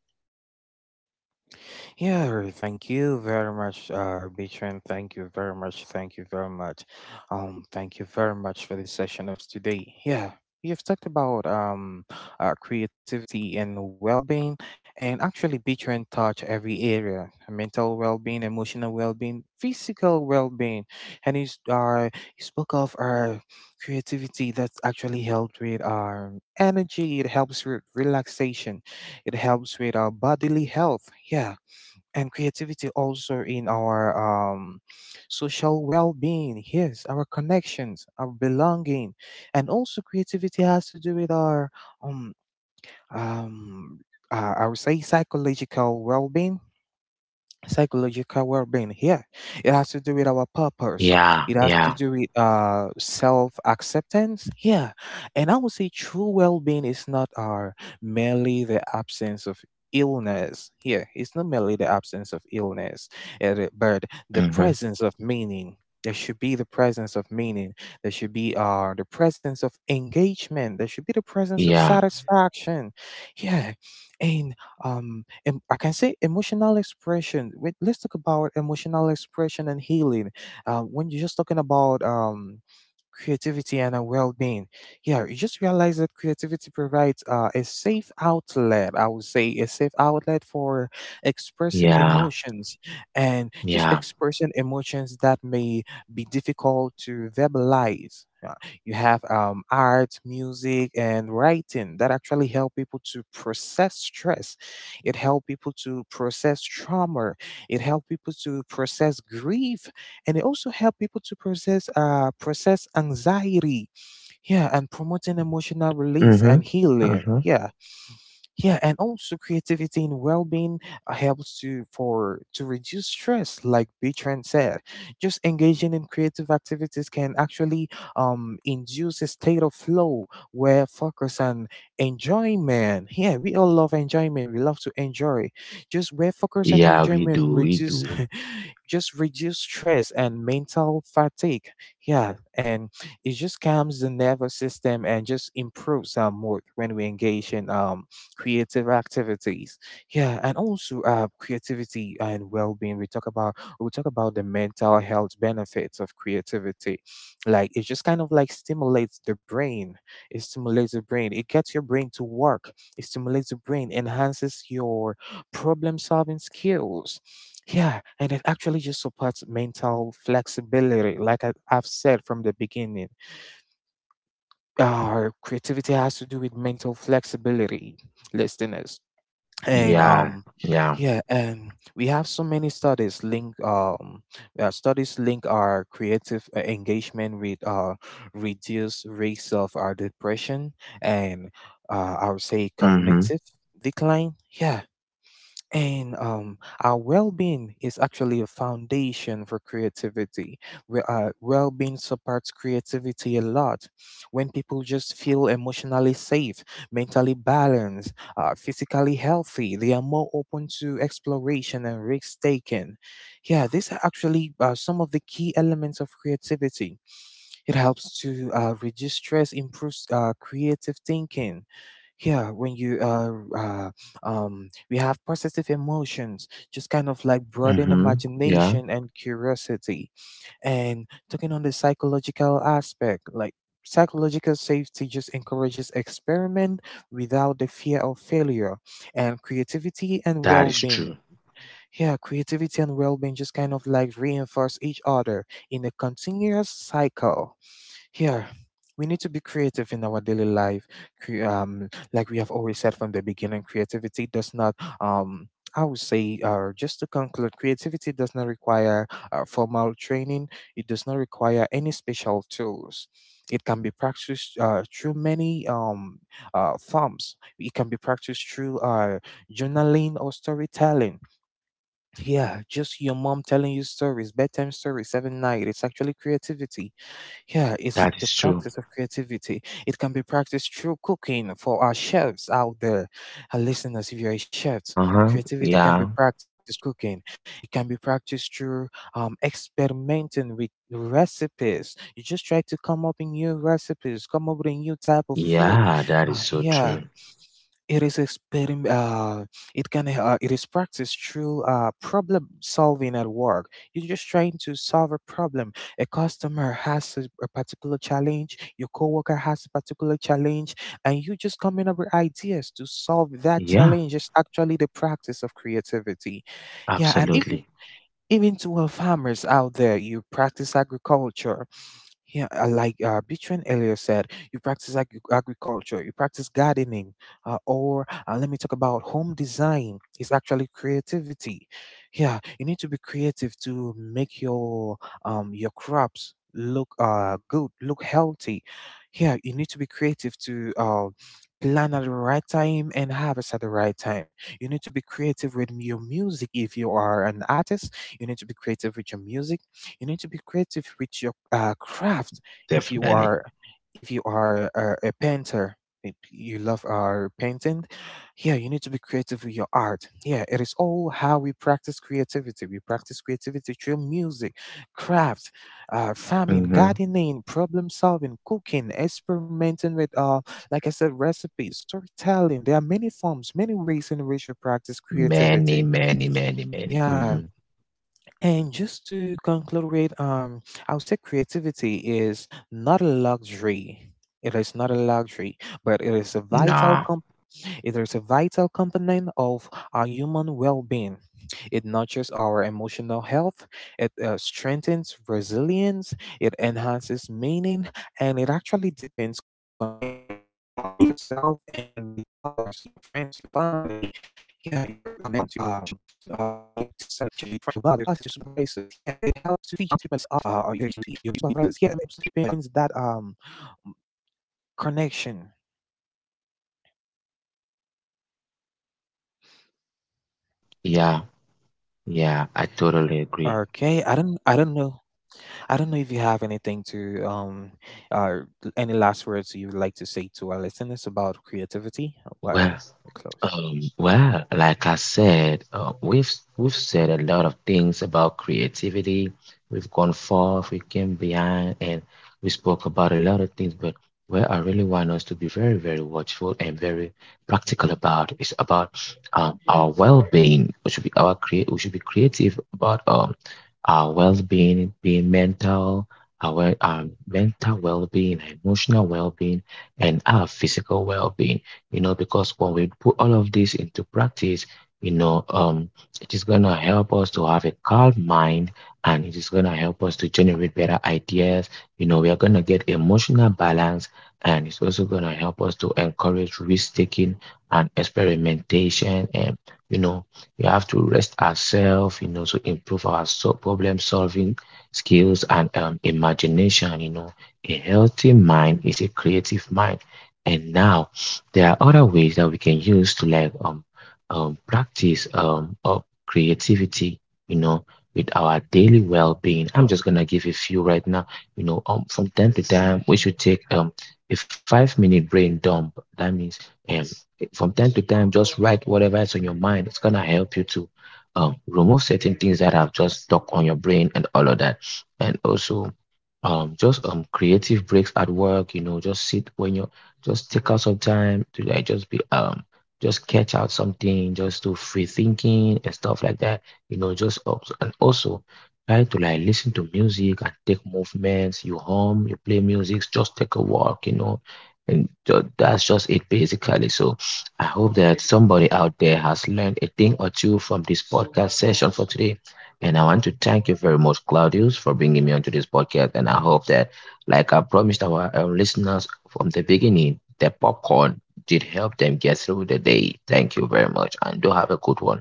Speaker 1: Yeah, Ru, thank you very much, Beatrice. Thank you very much. Thank you very much. Thank you very much for the session of today. Yeah, we have talked about creativity and well-being, and actually, Beatrice touch every area: mental well-being, emotional well-being, physical well-being, and he spoke of creativity that actually helped with energy. It helps with relaxation. It helps with our bodily health. Yeah, and creativity also in our social well-being, yes, our connections, our belonging. And also creativity has to do with our um, um I would say psychological well-being, psychological well-being. Yeah, it has to do with our purpose,
Speaker 2: Yeah,
Speaker 1: it has to
Speaker 2: yeah,
Speaker 1: do with self-acceptance. Yeah, and I would say true well-being is not our merely the absence of illness. Yeah, it's not merely the absence of illness, but the
Speaker 2: mm-hmm.
Speaker 1: presence of meaning. There should be the presence of meaning, there should be the presence of engagement, there should be the presence of
Speaker 2: Yeah,
Speaker 1: satisfaction. Yeah, and I can say emotional expression. Wait, let's talk about emotional expression and healing. When you're just talking about creativity and our well-being, yeah, you just realize that creativity provides a safe outlet, I would say a safe outlet for expressing
Speaker 2: yeah,
Speaker 1: emotions, and just
Speaker 2: yeah,
Speaker 1: expressing emotions that may be difficult to verbalize. You have art, music and writing that actually help people to process stress, it help people to process trauma, it help people to process grief, and it also helps people to process process anxiety. Yeah, and promoting emotional release
Speaker 2: mm-hmm.
Speaker 1: and healing.
Speaker 2: Mm-hmm.
Speaker 1: Yeah, yeah, and also creativity and well-being helps to for to reduce stress, like Bertrand said. Just engaging in creative activities can actually induce a state of flow where focus and enjoyment, yeah, we all love enjoyment, we love to enjoy, just where focus and
Speaker 2: Yeah,
Speaker 1: enjoyment
Speaker 2: we
Speaker 1: reduce
Speaker 2: do,
Speaker 1: just reduce stress and mental fatigue. Yeah, and it just calms the nervous system and just improves our mood when we engage in creative activities. Yeah, and also creativity and well-being, we talk about the mental health benefits of creativity. Like, it just kind of like stimulates the brain, it stimulates the brain, it gets your brain to work, it stimulates the brain, enhances your problem solving skills. Yeah, and it actually just supports mental flexibility. Like I've said from the beginning, creativity has to do with mental flexibility, listeners. And
Speaker 2: yeah, yeah,
Speaker 1: yeah, and we have so many studies link our creative engagement with reduced rates of our depression and I would say
Speaker 2: mm-hmm.
Speaker 1: cognitive decline. Yeah, and our well being is actually a foundation for creativity. Well being supports creativity a lot. When people just feel emotionally safe, mentally balanced, physically healthy, they are more open to exploration and risk taking. Yeah, these are actually some of the key elements of creativity. It helps to reduce stress, improves creative thinking. Yeah, when you we have positive emotions, just kind of like broaden
Speaker 2: Mm-hmm. Yeah,
Speaker 1: imagination and curiosity. And talking on the psychological aspect, like psychological safety just encourages experiment without the fear of failure and creativity and
Speaker 2: that is
Speaker 1: well-being.
Speaker 2: true,
Speaker 1: Yeah, creativity and well-being just kind of like reinforce each other in a continuous cycle. Here, we need to be creative in our daily life. Like we have always said from the beginning, creativity does not. I would say, just to conclude, creativity does not require formal training. It does not require any special tools. It can be practiced through many forms. It can be practiced through journaling or storytelling. Yeah, just your mom telling you stories, bedtime stories, seven night. It's actually creativity, yeah, it's
Speaker 2: that
Speaker 1: the
Speaker 2: is true,
Speaker 1: practice of creativity. It can be practiced through cooking for our chefs out there. Our listeners, if you're a chef,
Speaker 2: uh-huh,
Speaker 1: creativity can be
Speaker 2: yeah,
Speaker 1: practiced through cooking. It can be practiced through experimenting with recipes. You just try to come up with new recipes, come up with a new type of food.
Speaker 2: yeah, that is so true,
Speaker 1: Yeah, it is experim- uh, it can it is practiced through problem solving at work. You're just trying to solve a problem. A customer has a particular challenge, your coworker has a particular challenge, and you just coming up with ideas to solve that
Speaker 2: yeah,
Speaker 1: challenge is actually the practice of creativity. Yeah, and even
Speaker 2: absolutely.
Speaker 1: even to our farmers out there, you practice agriculture. Yeah, like Bichon earlier said, you practice
Speaker 2: Mm-hmm.
Speaker 1: agriculture, you practice gardening, or let me talk about home design. It's actually creativity. Yeah, you need to be creative to
Speaker 2: Yeah,
Speaker 1: make your crops look good, look healthy. Yeah, you need to be creative to plan at the right time and harvest at the right time. You need to be creative with your music if you are an artist. You need to be creative with your music, you need to be creative with your craft. If you
Speaker 2: definitely.
Speaker 1: are, if you are a painter, if you love painting, yeah, you need to be creative with your art. Yeah, it is all how we practice creativity. We practice creativity through music, craft, farming,
Speaker 2: Hmm.
Speaker 1: gardening, problem solving, cooking, experimenting with like I said, recipes, storytelling. There are many forms, many ways in which you practice
Speaker 2: Many,
Speaker 1: creativity.
Speaker 2: many, many, many. Hmm.
Speaker 1: Yeah. And just to conclude, with, I would say creativity is not a luxury. It is not a luxury, but it is a
Speaker 2: Nah.
Speaker 1: it is a vital component of our human well-being. It nurtures our emotional health. It strengthens resilience. It enhances meaning, and it actually deepens connection with yourself and with others, your friends, your family, yeah, your or your teacher, your bosses, your supervisors. Yeah, it helps to depends that connection.
Speaker 2: Yeah, yeah,
Speaker 1: Okay,
Speaker 2: I totally agree.
Speaker 1: I don't know if you have anything to uh, any last words you would like to say to our listeners about creativity. Well, we're
Speaker 2: Well,
Speaker 1: close.
Speaker 2: well, like I said, we've said a lot of things about creativity. We've gone forth, we came behind, and we spoke about a lot of things. But where I really want us to be very, very watchful and very practical about is about our well-being. We should be our create. We should be creative about our well-being, being mental, our mental well-being, our emotional well-being, and our physical well-being. You know, because when we put all of this into practice, you know, it is gonna help us to have a calm mind, and it is gonna help us to generate better ideas. You know, we are gonna get emotional balance, and it's also gonna help us to encourage risk-taking and experimentation, and, you know, we have to rest ourselves, you know, to improve our problem solving skills and imagination. You know, a healthy mind is a creative mind. And now there are other ways that we can use to like practice of creativity, you know, with our daily well-being. I'm just gonna give a few right now. You know, from time to time we should take a 5 minute brain dump. That means um from time to time, just write whatever is on your mind. It's gonna help you to remove certain things that have just stuck on your brain and all of that. And also, just creative breaks at work. You know, just sit when you're just take out some time to like just be just catch out something, just do free thinking and stuff like that. You know, and also try to like listen to music and take movements. You hum, you play music, just take a walk. You know, and that's just it basically. So I hope that somebody out there has learned a thing or two from this podcast session for today. And I want to thank you very much, Claudius, for bringing me onto this podcast. And I hope that, like I promised our listeners from the beginning, that popcorn did help them get through the day. Thank you very much, and do have a good one.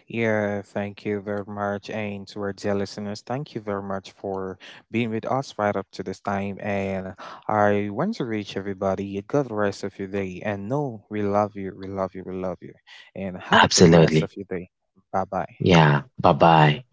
Speaker 1: Yeah, thank you very much. And to our dear listeners, thank you very much for being with us right up to this time. And I want to reach everybody a good rest of your day. And no, we love you, we love you, we love you. And have a good rest
Speaker 2: Absolutely.
Speaker 1: of your day. Bye bye.
Speaker 2: Yeah. Bye bye.